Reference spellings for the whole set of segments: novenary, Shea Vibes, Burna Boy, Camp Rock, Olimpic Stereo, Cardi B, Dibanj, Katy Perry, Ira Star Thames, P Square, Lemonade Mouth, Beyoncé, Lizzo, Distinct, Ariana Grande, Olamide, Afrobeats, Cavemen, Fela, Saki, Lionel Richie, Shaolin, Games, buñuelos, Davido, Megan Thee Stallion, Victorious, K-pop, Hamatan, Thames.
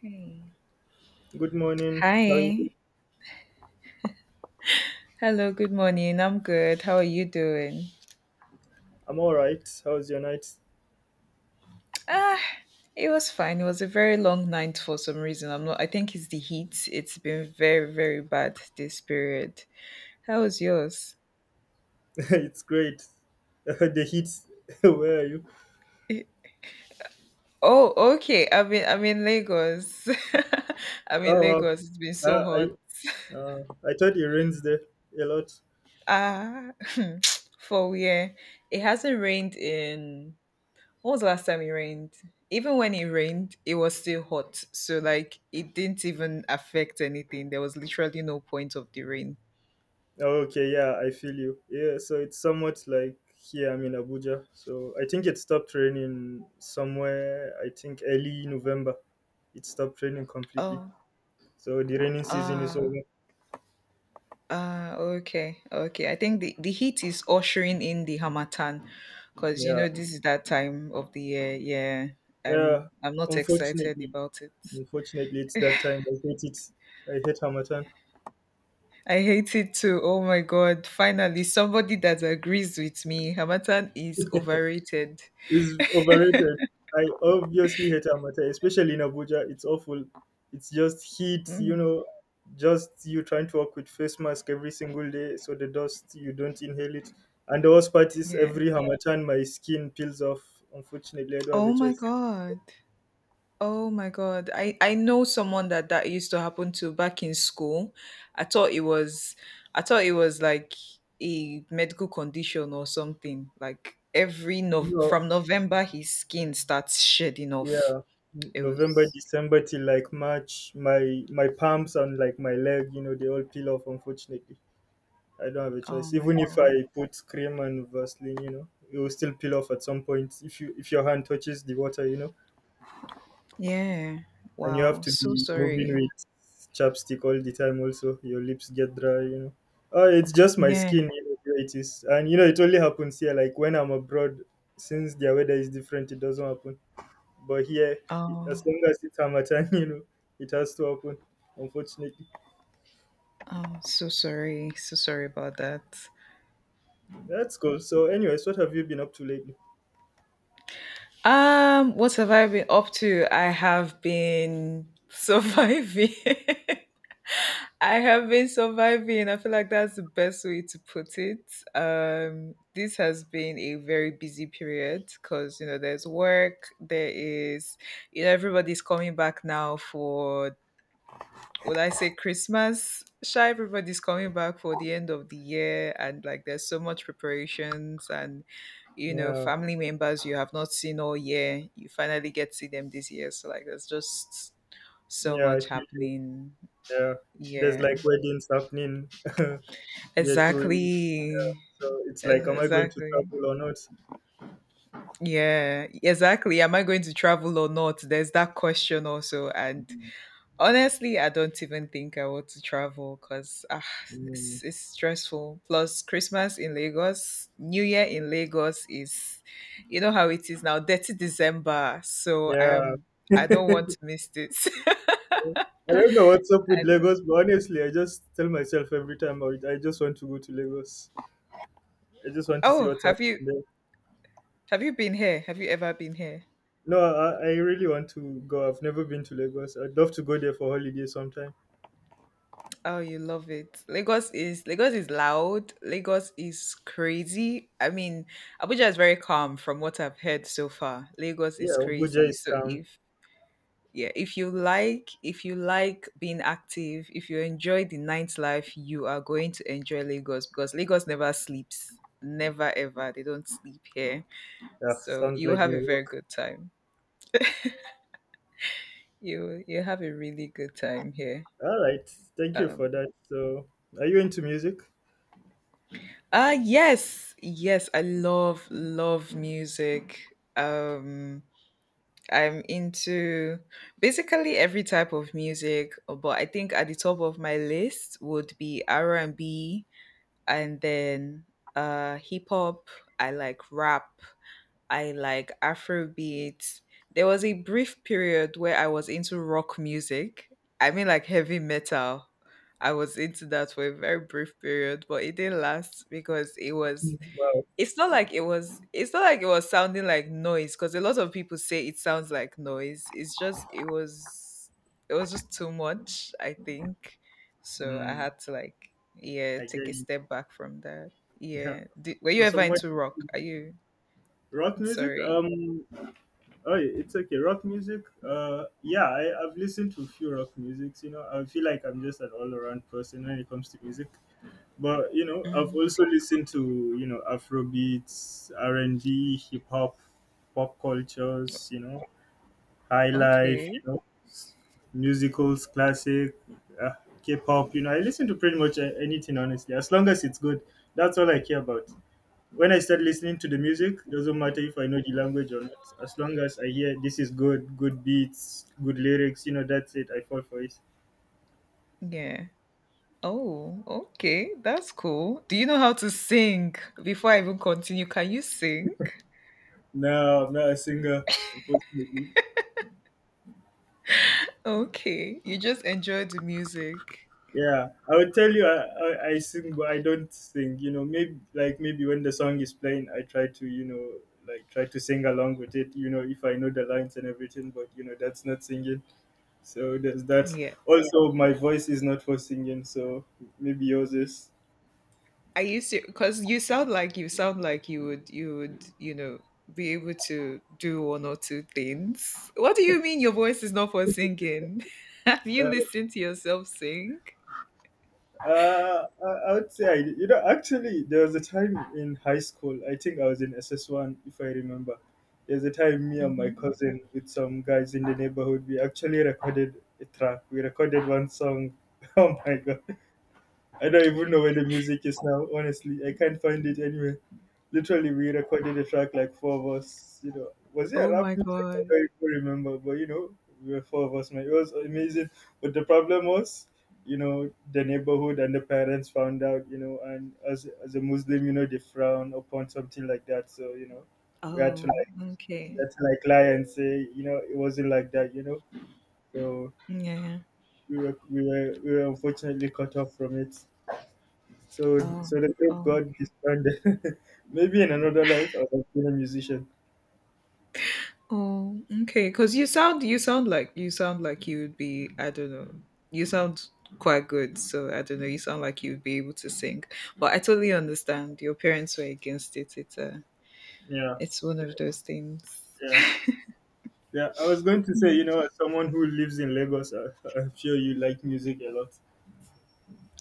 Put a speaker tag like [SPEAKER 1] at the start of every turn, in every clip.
[SPEAKER 1] Hey.
[SPEAKER 2] Good morning. How are you?
[SPEAKER 1] Hi. Hello, good morning. I'm good. How are you doing?
[SPEAKER 2] I'm all right. How's your night?
[SPEAKER 1] Ah, it was fine. It was a very long night for some reason. I'm not I think it's the heat. It's been very, very bad this period. How was yours?
[SPEAKER 2] It's great. The heat. Where are you?
[SPEAKER 1] Oh, okay. I'm in Lagos. I'm in
[SPEAKER 2] Oh, wow.
[SPEAKER 1] Lagos. It's been so
[SPEAKER 2] Uh,
[SPEAKER 1] hot.
[SPEAKER 2] I I thought it rains there a lot.
[SPEAKER 1] Ah for yeah. It hasn't rained in. When was the last time it rained? Even when it rained, it was still hot. So like it didn't even affect anything. There was literally no point of the rain.
[SPEAKER 2] Oh, okay, yeah, I feel you. Yeah, so it's somewhat like here. I'm in Abuja, so I think it stopped raining somewhere. I think early November, it stopped raining completely.
[SPEAKER 1] Oh,
[SPEAKER 2] So the raining season is
[SPEAKER 1] ah,
[SPEAKER 2] over.
[SPEAKER 1] okay, okay. I think the heat is ushering in the Hamatan because you
[SPEAKER 2] Yeah,
[SPEAKER 1] know this is that time of the year. Yeah,
[SPEAKER 2] yeah.
[SPEAKER 1] I'm not excited
[SPEAKER 2] Unfortunately,
[SPEAKER 1] about it.
[SPEAKER 2] unfortunately, it's that time. I hate it. I hate Hamatan.
[SPEAKER 1] I hate it too. Oh my god! Finally, somebody that agrees with me. Hamatan is overrated.
[SPEAKER 2] It's overrated. I obviously hate Amatel, especially in Abuja. It's awful. It's just heat, you
[SPEAKER 1] Mm,
[SPEAKER 2] know, just you trying to walk with face mask every single day so the dust, you don't inhale it. And the worst part is
[SPEAKER 1] yeah.
[SPEAKER 2] every Hamatan, my skin peels off. Unfortunately, I don't have a
[SPEAKER 1] Oh my
[SPEAKER 2] choice.
[SPEAKER 1] god. Oh my God. I know someone that used to happen to back in school. I thought it was I thought it was like a medical condition or something. Like every no
[SPEAKER 2] No,
[SPEAKER 1] from November his skin starts shedding off.
[SPEAKER 2] yeah, N-
[SPEAKER 1] It
[SPEAKER 2] November,
[SPEAKER 1] was
[SPEAKER 2] December till like March, my palms and like my leg, you know, they all peel off, unfortunately. I don't have a
[SPEAKER 1] Oh
[SPEAKER 2] choice.
[SPEAKER 1] my
[SPEAKER 2] Even if
[SPEAKER 1] God.
[SPEAKER 2] I put cream and Vaseline, you know, it will still peel off at some point if you if your hand touches the water, you know,
[SPEAKER 1] Yeah.
[SPEAKER 2] and you have
[SPEAKER 1] Wow.
[SPEAKER 2] to
[SPEAKER 1] So
[SPEAKER 2] be moving
[SPEAKER 1] sorry.
[SPEAKER 2] with chapstick all the time. Also, your lips get dry, you know. Oh, it's just my
[SPEAKER 1] Yeah.
[SPEAKER 2] skin, you know, where it is, and you know, it only happens here. Like when I'm abroad, since their weather is different, it doesn't happen. But here,
[SPEAKER 1] Oh,
[SPEAKER 2] as long as it's Hamatan, you know, it has to happen. Unfortunately,
[SPEAKER 1] oh, so sorry. So sorry about that.
[SPEAKER 2] that's cool. So, anyways, what have you been up to lately?
[SPEAKER 1] What have I been up to? I have been surviving. I have been surviving. I feel like that's the best way to put it. This has been a very busy period because you know there's work. There is, you know, everybody's coming back now for, would I say Christmas? Sure, everybody's coming back for the end of the year, and like there's so much preparations and you know
[SPEAKER 2] Yeah,
[SPEAKER 1] family members you have not seen all year. You finally get to see them this year, so like there's just so
[SPEAKER 2] yeah, I
[SPEAKER 1] much
[SPEAKER 2] feel.
[SPEAKER 1] happening.
[SPEAKER 2] Yeah, there's
[SPEAKER 1] Yeah.
[SPEAKER 2] like weddings happening here too, in-
[SPEAKER 1] Exactly.
[SPEAKER 2] so it's like, am I going to
[SPEAKER 1] Exactly.
[SPEAKER 2] travel or not?
[SPEAKER 1] Yeah, exactly. Am I going to travel or not? There's that question also. And honestly, I don't even think I want to travel because
[SPEAKER 2] Mm,
[SPEAKER 1] it's stressful. Plus, Christmas in Lagos, New Year in Lagos is, you know how it is now, 30th December. So I
[SPEAKER 2] yeah.
[SPEAKER 1] am, I don't want to miss this.
[SPEAKER 2] I don't know what's up
[SPEAKER 1] I
[SPEAKER 2] with
[SPEAKER 1] know.
[SPEAKER 2] Lagos, but honestly, I just tell myself every time I just want to go to Lagos. I just want to see
[SPEAKER 1] Oh,
[SPEAKER 2] what's
[SPEAKER 1] have
[SPEAKER 2] happening
[SPEAKER 1] you
[SPEAKER 2] there.
[SPEAKER 1] have you been here? Have you ever been here?
[SPEAKER 2] No, I really want to go. I've never been to Lagos. I'd love to go there for holiday sometime.
[SPEAKER 1] Oh, you love it. Lagos is loud. Lagos is crazy. I mean, Abuja is very calm from what I've heard so far. Lagos is
[SPEAKER 2] Yeah, Abuja
[SPEAKER 1] crazy.
[SPEAKER 2] is
[SPEAKER 1] So
[SPEAKER 2] calm.
[SPEAKER 1] if yeah, if you like being active, if you enjoy the nightlife, you are going to enjoy Lagos because Lagos never sleeps. Never ever. They don't sleep here.
[SPEAKER 2] Yeah,
[SPEAKER 1] So
[SPEAKER 2] sounds
[SPEAKER 1] you will
[SPEAKER 2] like
[SPEAKER 1] have
[SPEAKER 2] New
[SPEAKER 1] a very
[SPEAKER 2] York.
[SPEAKER 1] good time. You have a really good time here.
[SPEAKER 2] All right, thank you
[SPEAKER 1] Um.
[SPEAKER 2] for that. So, are you into music?
[SPEAKER 1] Yes, I love music. I'm into basically every type of music, but I think at the top of my list would be R&B and B, and then hip hop. I like rap. I like Afrobeat. There was a brief period where I was into rock music. I mean like heavy metal. I was into that for a very brief period, but it didn't last because
[SPEAKER 2] Wow.
[SPEAKER 1] it's not like it's not like it was sounding like noise because a lot of people say it sounds like noise, it's just it was just too much, I think, so I
[SPEAKER 2] Mm.
[SPEAKER 1] had to like yeah
[SPEAKER 2] I get
[SPEAKER 1] take a
[SPEAKER 2] you.
[SPEAKER 1] step back from that
[SPEAKER 2] Yeah.
[SPEAKER 1] yeah. Were you
[SPEAKER 2] Well, so
[SPEAKER 1] ever
[SPEAKER 2] much
[SPEAKER 1] into rock, are you
[SPEAKER 2] rock music.
[SPEAKER 1] sorry.
[SPEAKER 2] Oh, yeah, it's okay. Rock music. Yeah, I've listened to a few rock musics. You know, I feel like I'm just an all-around person when it comes to music. But you know, I've
[SPEAKER 1] Mhm.
[SPEAKER 2] also listened to you know Afro beats, R and B, hip hop, pop cultures. You know, high life. You
[SPEAKER 1] Okay,
[SPEAKER 2] know, s- musicals, classic, uh, K-pop. You know, I listen to pretty much a- anything honestly, as long as it's good. That's all I care about. When I start listening to the music, doesn't matter if I know the language or not. As long as I hear this is good, good beats, good lyrics, you know, that's it. I fall for it.
[SPEAKER 1] yeah. Oh okay, that's cool, do you know how to sing? Before I even continue, can you sing?
[SPEAKER 2] No, I'm not a singer, unfortunately.
[SPEAKER 1] Okay, you just enjoy the music.
[SPEAKER 2] Yeah, I would tell you I sing, but I don't sing. You know, maybe when the song is playing, I try to you know like try to sing along with it. You know, if I know the lines and everything, but you know that's not singing. So there's that.
[SPEAKER 1] Yeah,
[SPEAKER 2] Also, my voice is not for singing, so maybe yours is.
[SPEAKER 1] I used to, because you sound like, you sound like you would, you would, you know, be able to do one or two things. What do you mean your voice is not for singing? Have you
[SPEAKER 2] Uh,
[SPEAKER 1] listened to yourself sing?
[SPEAKER 2] I would say I, you know actually there was a time in high school. I think I was in SS one, if I remember. There's a time me and my
[SPEAKER 1] Hmm.
[SPEAKER 2] cousin with some guys in the neighborhood. We actually recorded a track. We recorded one song. Oh my god! I don't even know where the music is now, honestly. I can't find it anywhere. Literally, we recorded a track like four of us. You know, was it a
[SPEAKER 1] Oh
[SPEAKER 2] rap
[SPEAKER 1] my
[SPEAKER 2] music? I
[SPEAKER 1] god.
[SPEAKER 2] don't even remember, but you know, we were four of us, man. It was amazing. But the problem was, you know, the neighborhood and the parents found out, you know, and as a Muslim, you know, they frown upon something like that. So, you know, we had to
[SPEAKER 1] Oh
[SPEAKER 2] like, we
[SPEAKER 1] okay.
[SPEAKER 2] had to like lie and say, you know, it wasn't like that, you know. So
[SPEAKER 1] Yeah. Yeah.
[SPEAKER 2] we were unfortunately cut off from it so
[SPEAKER 1] Oh.
[SPEAKER 2] so the
[SPEAKER 1] Oh,
[SPEAKER 2] group got
[SPEAKER 1] okay.
[SPEAKER 2] disbanded. Maybe in another life I was been a musician.
[SPEAKER 1] Oh, okay. Because you sound like, you sound like you would be. I don't know. You sound quite good, so I don't know. You sound like you'd be able to sing, but I totally understand. Your parents were against it. It's
[SPEAKER 2] Yeah,
[SPEAKER 1] it's one of those things.
[SPEAKER 2] yeah, yeah. I was going to say,
[SPEAKER 1] Mm.
[SPEAKER 2] you know, as someone who lives in Lagos, I, I'm sure you like music a lot.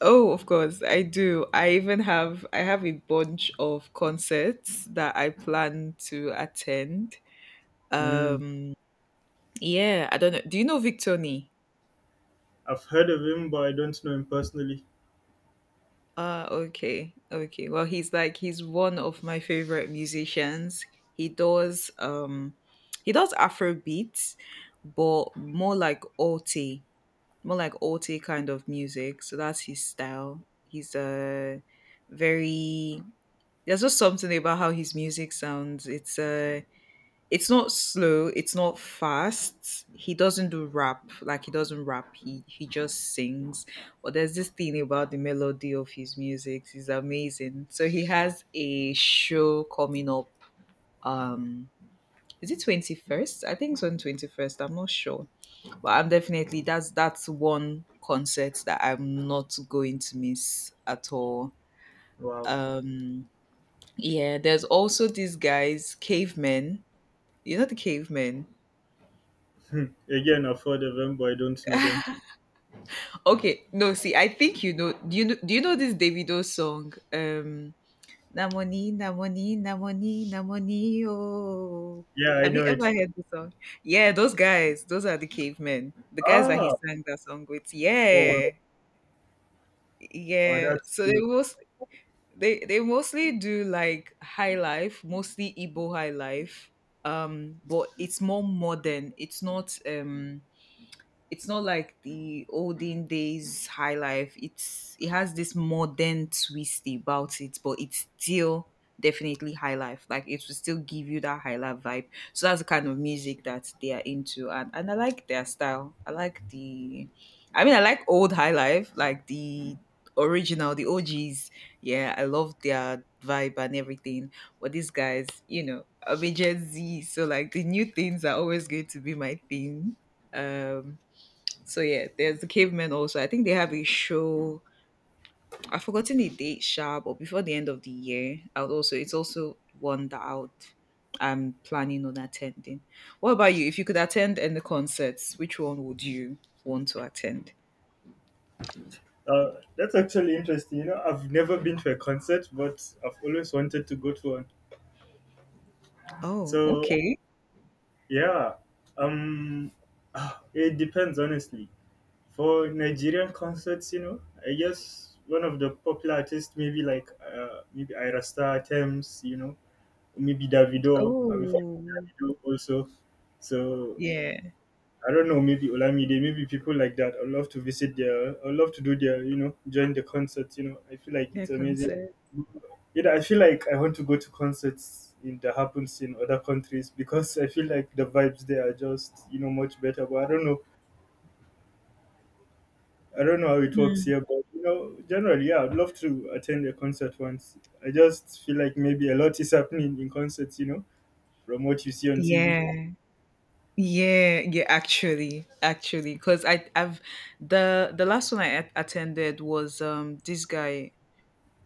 [SPEAKER 1] Oh, of course, I do. I have a bunch of concerts that I plan to attend.
[SPEAKER 2] Mm,
[SPEAKER 1] Um, yeah, I don't know. Do you know Victoni?
[SPEAKER 2] I've heard of him, but I don't know him personally.
[SPEAKER 1] Ah, okay, okay. Well, he's one of my favorite musicians. He does um he does Afro beats, but more like alti kind of music. So that's his style. He's a very, there's just something about how his music sounds. It's not slow, it's not fast, he doesn't do rap, like he doesn't rap, he just sings, but there's this thing about the melody of his music is amazing. So he has a show coming up. um is it 21st? I think it's on 21st, I'm not sure, but I'm definitely, that's one concert that I'm not going to miss at all.
[SPEAKER 2] Wow.
[SPEAKER 1] um yeah, there's also these guys, cavemen. You know the cavemen.
[SPEAKER 2] Hmm. Again, I've heard of them, but I don't know them.
[SPEAKER 1] Okay, no, see, I think you know. Do you know this Davido song? Namoni, Namoni, Namoni, Namoni. Oh,
[SPEAKER 2] Yeah, I
[SPEAKER 1] have you
[SPEAKER 2] know
[SPEAKER 1] ever
[SPEAKER 2] it.
[SPEAKER 1] heard the song? Yeah, those guys, those are the cavemen. The guys that he
[SPEAKER 2] Ah,
[SPEAKER 1] sang that song with.
[SPEAKER 2] oh, wow.
[SPEAKER 1] Yeah,
[SPEAKER 2] Oh
[SPEAKER 1] yeah.
[SPEAKER 2] that's
[SPEAKER 1] So
[SPEAKER 2] cool.
[SPEAKER 1] they mostly do like high life, mostly Igbo high life. But it's more modern. It's not like the olden days high life. It's, it has this modern twist about it, but it's still definitely high life. Like it will still give you that high life vibe. So that's the kind of music that they are into, and I like their style. I mean, I like old high life, like the original, the OGs. Yeah, I love their vibe and everything. But these guys, you know, I'm a Gen Z, so like the new things are always going to be my thing. Um, so yeah, there's the cavemen also. I think they have a show. I've forgotten the date, sha, but before the end of the year, I would also, it's also one that out. I'm planning on attending. What about you? If you could attend any concerts, which one would you want to attend?
[SPEAKER 2] That's actually interesting. You know, I've never been to a concert, but I've always wanted to go to one.
[SPEAKER 1] Oh,
[SPEAKER 2] So
[SPEAKER 1] okay.
[SPEAKER 2] yeah, um, ah, it depends honestly. For Nigerian concerts, you know, I guess one of the popular artists, maybe Ira Star, Thames, you know, maybe Davido. I'm a fan of
[SPEAKER 1] Oh,
[SPEAKER 2] Davido also. So
[SPEAKER 1] yeah,
[SPEAKER 2] I don't know, maybe Olamide, maybe people like that. I love to visit their, I love to do their, you know, join the concerts. You know, I feel like
[SPEAKER 1] yeah,
[SPEAKER 2] it's amazing.
[SPEAKER 1] concert.
[SPEAKER 2] You know, I feel like I want to go to concerts in that happens in other countries because I feel like the vibes there are just, you know, much better. But I don't know how it works
[SPEAKER 1] Mm.
[SPEAKER 2] here. But you know, generally, yeah, I'd love to attend a concert once. I just feel like maybe a lot is happening in concerts. You know, from what you see on TV.
[SPEAKER 1] Yeah. Yeah, yeah, actually, actually, because I, I've the last one I attended was this guy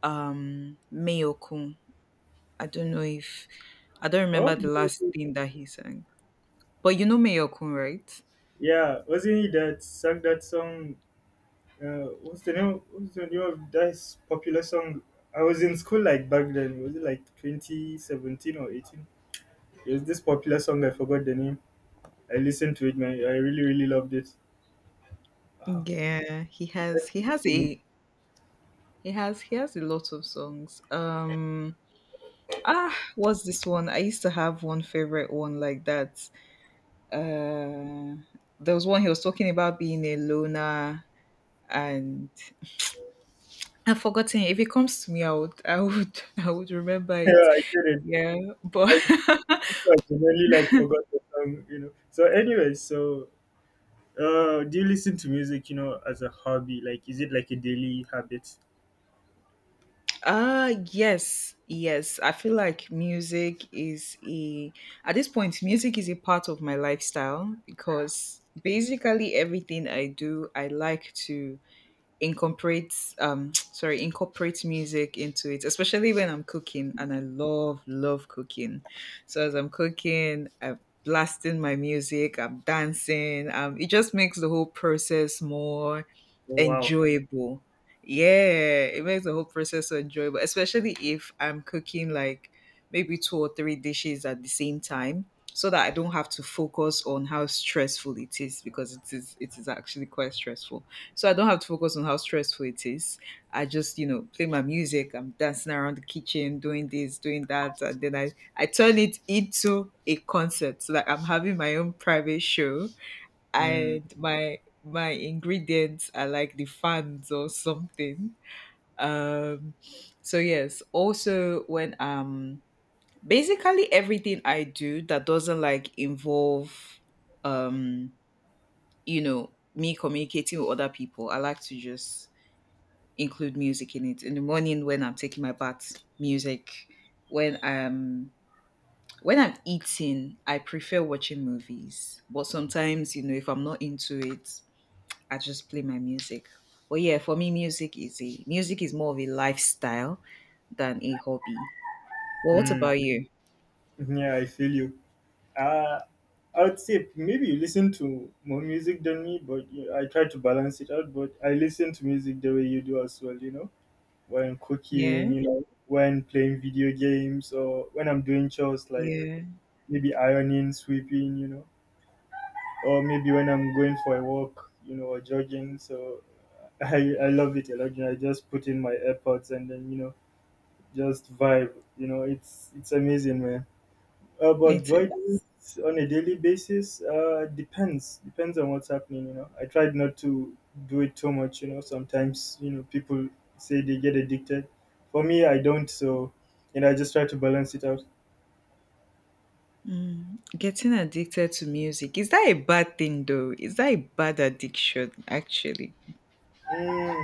[SPEAKER 1] Mayokun. I don't know if I don't
[SPEAKER 2] Oh,
[SPEAKER 1] remember the last thing that he sang. But you know Mayokun, right?
[SPEAKER 2] yeah, wasn't he that sang that song? What's the name? What's the name of that popular song? I was in school like back then. Was it like 2017 or 18? It was this popular song. I forgot the name. I listened to it, man. I really, really loved it. Ah,
[SPEAKER 1] Yeah,
[SPEAKER 2] you know.
[SPEAKER 1] he has, he has a lot of songs. Ah what's this one? I used to have one favorite one like that. Uh there was one, he was talking about being a loner and I've forgotten. If it comes to me I would, I would I would remember it.
[SPEAKER 2] Yeah, I couldn't.
[SPEAKER 1] Yeah. But
[SPEAKER 2] Like, I genuinely like forgot the song. You know. So, anyway, so do you listen to music? You know, as a hobby? Like, is it like a daily habit?
[SPEAKER 1] Yes. I feel like music is a at this point music is a part of my lifestyle, because basically everything I do I like to incorporate, sorry, incorporate music into it, especially when I'm cooking, and I love cooking. So as I'm cooking, I'm blasting my music, I'm dancing, it just makes the whole process more
[SPEAKER 2] Oh wow.
[SPEAKER 1] enjoyable. Yeah, it makes the whole process so enjoyable, especially if I'm cooking like maybe two or three dishes at the same time. So that I don't have to focus on how stressful it is, because it is actually quite stressful. So I don't have to focus on how stressful it is. I just, you know, play my music. I'm dancing around the kitchen, doing this, doing that, and then I turn it into a concert. So like I'm having my own private show,
[SPEAKER 2] Mm,
[SPEAKER 1] and my ingredients are like the fans or something. Um, so yes. Also, when basically everything I do that doesn't like involve, um, you know, me communicating with other people, I like to just include music in it. In the morning when I'm taking my bath, music. When I'm when I'm eating, I prefer watching movies. But sometimes, you know, if I'm not into it, I just play my music. But yeah, for me, music is more of a lifestyle than a hobby. Well, what
[SPEAKER 2] mm.
[SPEAKER 1] about you?
[SPEAKER 2] Yeah, I feel you. Uh, I would say maybe you listen to more music than me, but yeah, I try to balance it out. But I listen to music the way you do as well, you know, when cooking,
[SPEAKER 1] Yeah,
[SPEAKER 2] you know, when playing video games, or when I'm doing chores like
[SPEAKER 1] yeah,
[SPEAKER 2] maybe ironing, sweeping, you know, or maybe when I'm going for a walk, you know, or jogging. So I love it a lot. You know, I just put in my AirPods and then, you know, just vibe. You know, it's amazing, man. But
[SPEAKER 1] it
[SPEAKER 2] do I
[SPEAKER 1] is.
[SPEAKER 2] do it on a daily basis? Depends. Depends on what's happening, you know. I tried not to do it too much, you know. Sometimes, you know, people say they get addicted. For me, I don't, so, you know, I just try to balance it out.
[SPEAKER 1] Mm, getting addicted to music, is that a bad thing though? Is that a bad addiction actually?
[SPEAKER 2] Mm,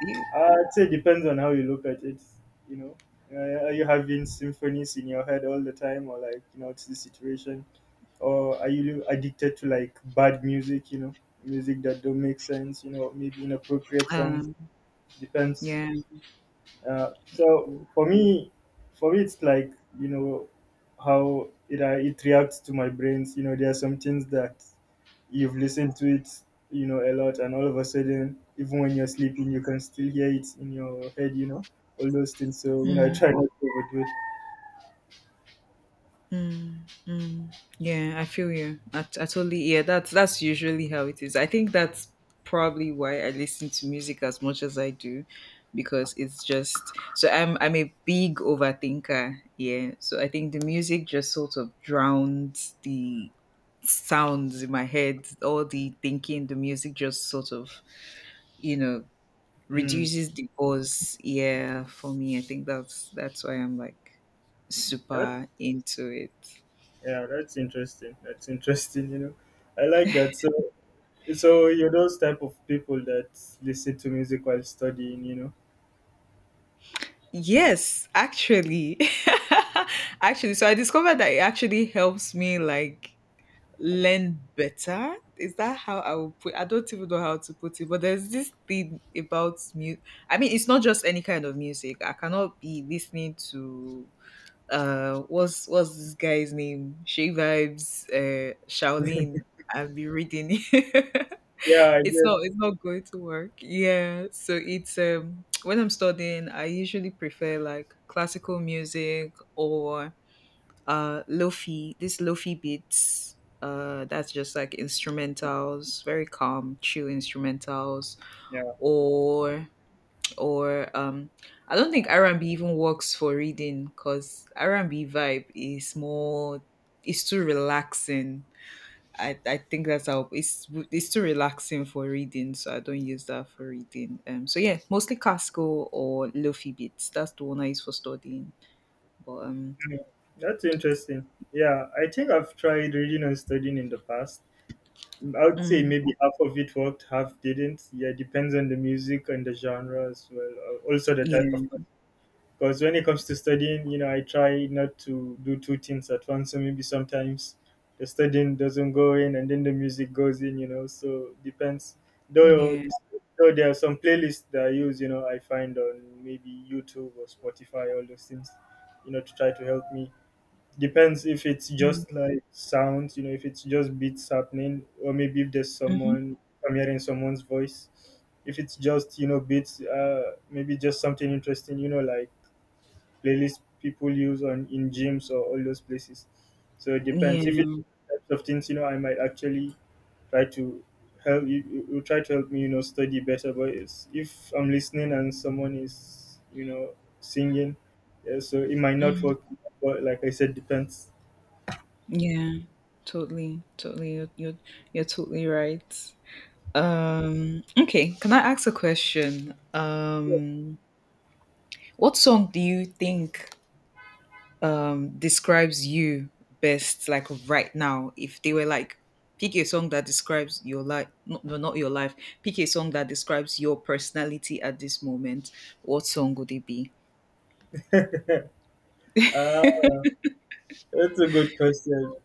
[SPEAKER 1] You-
[SPEAKER 2] I'd say depends on how you look at it, you know. Are you having symphonies in your head all the time, or like, you know, it's the situation? Or are you addicted to like bad music, you know, music that don't make sense, you know, maybe inappropriate songs?
[SPEAKER 1] Um,
[SPEAKER 2] Depends.
[SPEAKER 1] yeah.
[SPEAKER 2] So for me, it's like you know how it it reacts to my brains. You know, there are some things that you've listened to it, you know, a lot, and all of a sudden, even when you're sleeping, you can still hear it in your head. You know, all those things. So you know, I
[SPEAKER 1] Mm,
[SPEAKER 2] try not to overdo it.
[SPEAKER 1] mm, mm. Yeah, I feel you. I totally yeah. That's usually how it is. I think that's probably why I listen to music as much as I do, because it's just so I'm a big overthinker. Yeah, so I think the music just sort of drowns the sounds in my head, all the thinking. The music just sort of you know
[SPEAKER 2] Mm.
[SPEAKER 1] reduces the buzz. Yeah, for me, I think that's why I'm like
[SPEAKER 2] Mm. That
[SPEAKER 1] super into it.
[SPEAKER 2] yeah, that's interesting. That's interesting. You know, I like that. So so you're those type of people that listen to music while studying. You know.
[SPEAKER 1] Yes, actually. Actually, so I discovered that it actually helps me like learn better. Is that how I will put I don't even know how to put it, but there's this thing about music. I mean, it's not just any kind of music. I cannot be listening to what's this guy's name? Shea Vibes, Shaolin. I'll be reading.
[SPEAKER 2] Yeah, I
[SPEAKER 1] it's not
[SPEAKER 2] get.
[SPEAKER 1] it's not going to work. Yeah, so it's when I'm studying, I usually prefer like classical music, or lofi beats, that's just like instrumentals, very calm, chill instrumentals.
[SPEAKER 2] Yeah.
[SPEAKER 1] Or or um I don't think R&B even works for reading because R&B vibe is more it's too relaxing. I think that's how it's too relaxing for reading, so I don't use that for reading. So yeah, mostly classical or lofi beats. That's the one I use for studying. But
[SPEAKER 2] Yeah, that's interesting. Yeah, I think I've tried reading and studying in the past. I would say
[SPEAKER 1] mm,
[SPEAKER 2] maybe half of it worked, half didn't. Yeah, it depends on the music and the genre as well. Uh, also, the type of
[SPEAKER 1] yeah,
[SPEAKER 2] because when it comes to studying, you know, I try not to do two things at once. So maybe sometimes the studying doesn't go in, and then the music goes in. You know, so depends. Though,
[SPEAKER 1] yeah,
[SPEAKER 2] though there are some playlists that I use. You know, I find on maybe YouTube or Spotify, all those things. You know, to try to help me depends if it's
[SPEAKER 1] mm,
[SPEAKER 2] just like sounds, you know, if it's just beats happening, or maybe if there's
[SPEAKER 1] hmm,
[SPEAKER 2] someone, I'm hearing someone's voice. If it's just, you know, beats, maybe just something interesting, you know, like playlist people use on in gyms or all those places. So it depends. If
[SPEAKER 1] yeah,
[SPEAKER 2] it's types of things, you know, I might actually try to help you, you try to help me, you know, study better. But if I'm listening and someone is, you know, singing, yeah, so it might not work. But like I said, depends.
[SPEAKER 1] yeah, totally, totally. You're totally right. Okay, can I ask a question? What song do you think describes you best, like right now, if they were like pick a song that describes your life no, no, not your life pick a song that describes your personality at this moment. What song would it be?
[SPEAKER 2] Uh, that's a good question.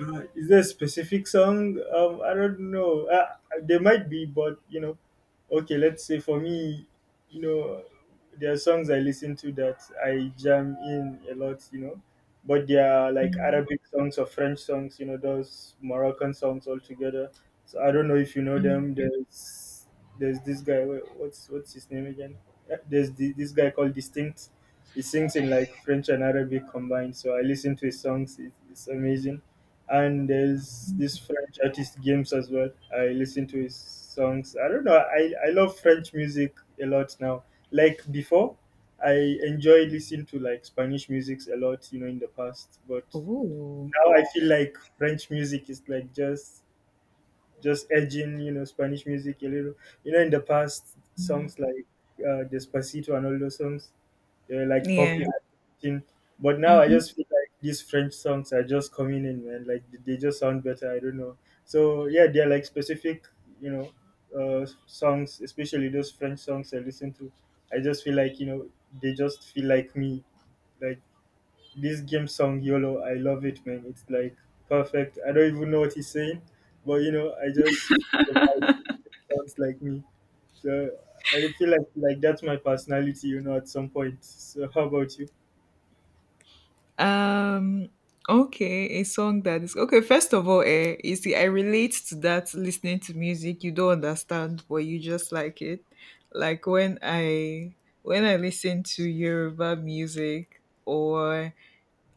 [SPEAKER 2] Is there a specific song? I don't know. There might be, but you know, okay. Let's say for me, you know, there are songs I listen to that I jam in a lot. You know, but they are like
[SPEAKER 1] Mm.
[SPEAKER 2] Arabic songs or French songs. You know, those Moroccan songs all together. So I don't know if you know them. There's this guy. What's his name again? There's this guy called Distinct. He sings in like French and Arabic combined. So I listen to his songs. It's amazing, and there's this French artist Games as well. I listen to his songs. I don't know. I love French music a lot now. Like before, I enjoy listening to like Spanish music a lot. You know, in the past, but
[SPEAKER 1] Oh,
[SPEAKER 2] now I feel like French music is like just edging, you know, Spanish music a little. You know, in the past, songs like Despacito and all those songs, they were like
[SPEAKER 1] yeah.
[SPEAKER 2] popular thing. But now I
[SPEAKER 1] Hmm.
[SPEAKER 2] just feel like these French songs are just coming in, man. Like they just sound better. I don't know. So yeah, they're like specific, you know, songs, especially those French songs I listen to. I just feel like, you know, they just feel like me. Like this game song YOLO, I love it, man. It's like perfect. I don't even know what he's saying, but you know, I just feel like it sounds like me. So I feel like that's my personality, you know, at some point. So how about you?
[SPEAKER 1] Um, okay, a song that is okay. First of all, you see, I relate to that, listening to music you don't understand but you just like it. Like when I listen to Yoruba music, or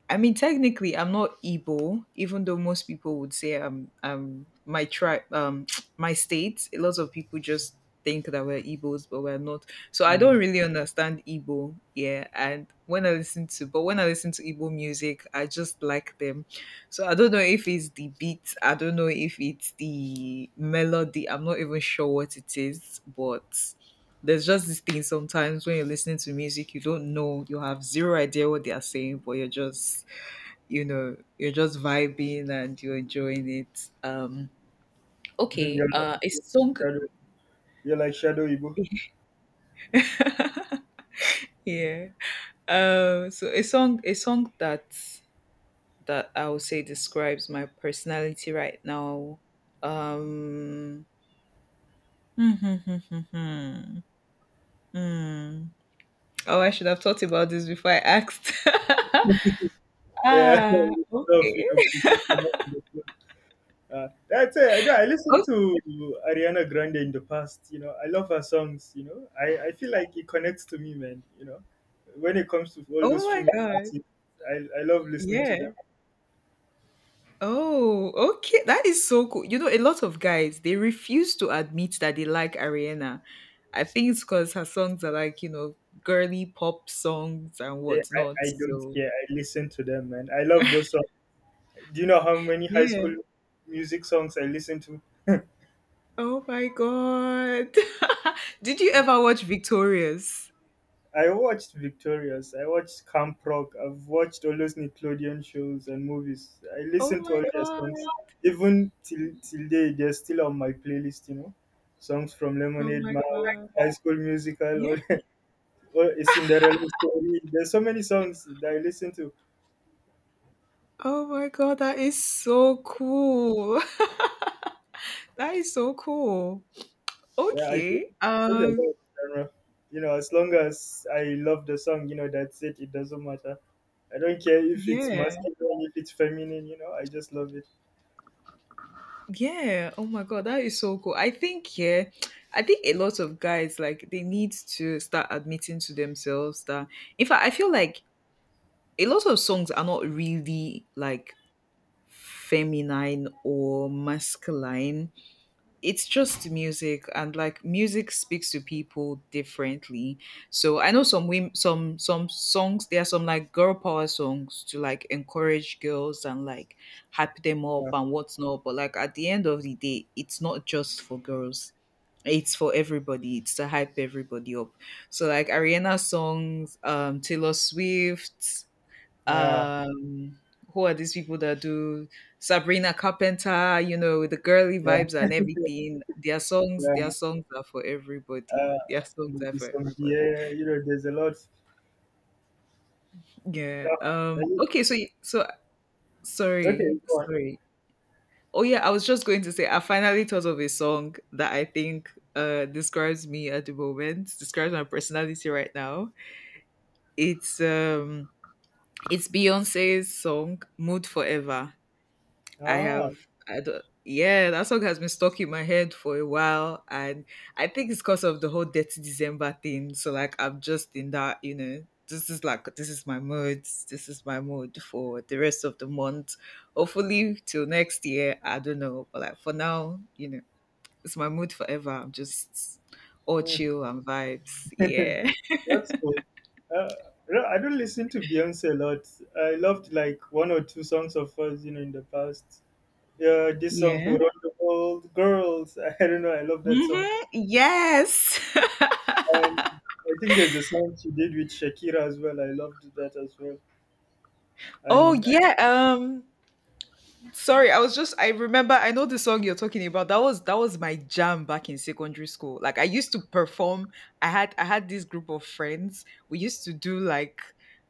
[SPEAKER 1] I mean, technically, I'm not Igbo, even though most people would say I'm my tribe, my state. A lot of people just think that we're Igbos, but we're not. So I don't
[SPEAKER 2] Mm.
[SPEAKER 1] really understand Igbo. Yeah, and when I listen to, but when I listen to Igbo music, I just like them. So I don't know if it's the beat. I don't know if it's the melody. I'm not even sure what it is, but there's just this thing sometimes when you're listening to music, you don't know, you have zero idea what they are saying, but you're just, you know, you're just vibing and you're enjoying it. Okay
[SPEAKER 2] You're
[SPEAKER 1] a
[SPEAKER 2] like
[SPEAKER 1] song.
[SPEAKER 2] shadow. You're like shadow Ibo.
[SPEAKER 1] Yeah. So a song that I would say describes my personality right now. um Hmm. hmm, hmm, hmm, hmm, hmm. Oh, I should have thought about this before I asked.
[SPEAKER 2] Yeah,
[SPEAKER 1] ah
[SPEAKER 2] stuff, you
[SPEAKER 1] okay
[SPEAKER 2] know, putting some up in the floor. That's it. I know. I listened
[SPEAKER 1] Oh.
[SPEAKER 2] to Ariana Grande in the past. You know, I love her songs. You know, I feel like it connects to me, man. You know, when it comes to all
[SPEAKER 1] Oh
[SPEAKER 2] those
[SPEAKER 1] my
[SPEAKER 2] female
[SPEAKER 1] god.
[SPEAKER 2] artists, I love listening to
[SPEAKER 1] Yeah.
[SPEAKER 2] them.
[SPEAKER 1] Oh, okay. That is so cool. You know, a lot of guys, they refuse to admit that they like Ariana. I think it's because her songs are, like, you know, girly pop songs and
[SPEAKER 2] They, I,
[SPEAKER 1] whatnot.
[SPEAKER 2] I don't
[SPEAKER 1] So
[SPEAKER 2] care. I listen to them, man. I love those songs. Do you know how many high
[SPEAKER 1] yeah.
[SPEAKER 2] school music songs I listen to?
[SPEAKER 1] Oh my god. Did you ever watch Victorious?
[SPEAKER 2] I watched Victorious, I watched Camp Rock, I've watched all those Nickelodeon shows and movies. I
[SPEAKER 1] Oh
[SPEAKER 2] listen to all
[SPEAKER 1] my
[SPEAKER 2] their songs.
[SPEAKER 1] god.
[SPEAKER 2] Even till day they're still on my playlist, you know. Songs from
[SPEAKER 1] Oh
[SPEAKER 2] Lemonade
[SPEAKER 1] my
[SPEAKER 2] Mouth,
[SPEAKER 1] god.
[SPEAKER 2] High School Musical, or
[SPEAKER 1] Yeah.
[SPEAKER 2] or a Cinderella story. There's so many songs that I listen to.
[SPEAKER 1] Oh my god, that is so cool. That is so cool.
[SPEAKER 2] Yeah,
[SPEAKER 1] Okay.
[SPEAKER 2] I told you about
[SPEAKER 1] Um
[SPEAKER 2] the genre. You know, as long as I love the song, you know, that's it. It doesn't matter. I don't care if it's
[SPEAKER 1] yeah.
[SPEAKER 2] masculine, if it's feminine, you know, I just love it.
[SPEAKER 1] Yeah. Oh my God, that is so cool. I think, yeah, I think a lot of guys, like, they need to start admitting to themselves that. In fact, I feel like a lot of songs are not really like feminine or masculine. It's just music, and like music speaks to people differently. So I know some women, some songs, there are some like girl power songs to like encourage girls and like hype them up
[SPEAKER 2] Yeah.
[SPEAKER 1] and whatnot, but like at the end of the day, it's not just for girls, it's for everybody, it's to hype everybody up. So like Ariana songs, Taylor Swift,
[SPEAKER 2] Yeah.
[SPEAKER 1] um, who are these people that do Sabrina Carpenter? You know, the girly
[SPEAKER 2] Yeah.
[SPEAKER 1] vibes and everything. Their
[SPEAKER 2] Yeah.
[SPEAKER 1] songs are for everybody.
[SPEAKER 2] uh,
[SPEAKER 1] Their songs are
[SPEAKER 2] maybe
[SPEAKER 1] for
[SPEAKER 2] some
[SPEAKER 1] everybody.
[SPEAKER 2] beer. You know, there's a lot. Stuff.
[SPEAKER 1] Yeah. Okay. So sorry,
[SPEAKER 2] Okay, go on.
[SPEAKER 1] sorry. Oh yeah, I was just going to say I finally thought of a song that I think describes me at the moment, describes my personality right now. It's, it's Beyonce's song "Mood Forever." I
[SPEAKER 2] Ah,
[SPEAKER 1] have, I don't, yeah, that song has been stuck in my head for a while, and I think it's because of the whole Dirty December thing. So like, I'm just in that, you know, this is like, this is my mood, this is my mood for the rest of the month. Hopefully till next year, I don't know, but like for now, you know, it's my mood forever. I'm just all
[SPEAKER 2] mm.
[SPEAKER 1] chill and vibes. Yeah,
[SPEAKER 2] That's cool. Uh, no, I don't listen to Beyonce a lot. I loved like one or two songs of hers, you know, in the past. Yeah, this song "Who
[SPEAKER 1] yeah.
[SPEAKER 2] Run the World," girls. I don't know. I love that song.
[SPEAKER 1] Hmm. Yes.
[SPEAKER 2] And I think there's a song she did with Shakira as well. I loved that as well.
[SPEAKER 1] Oh
[SPEAKER 2] And
[SPEAKER 1] yeah. Sorry, I was just I remember, I know the song you're talking about. That was my jam back in secondary school. Like I used to perform. I had this group of friends. We used to do like,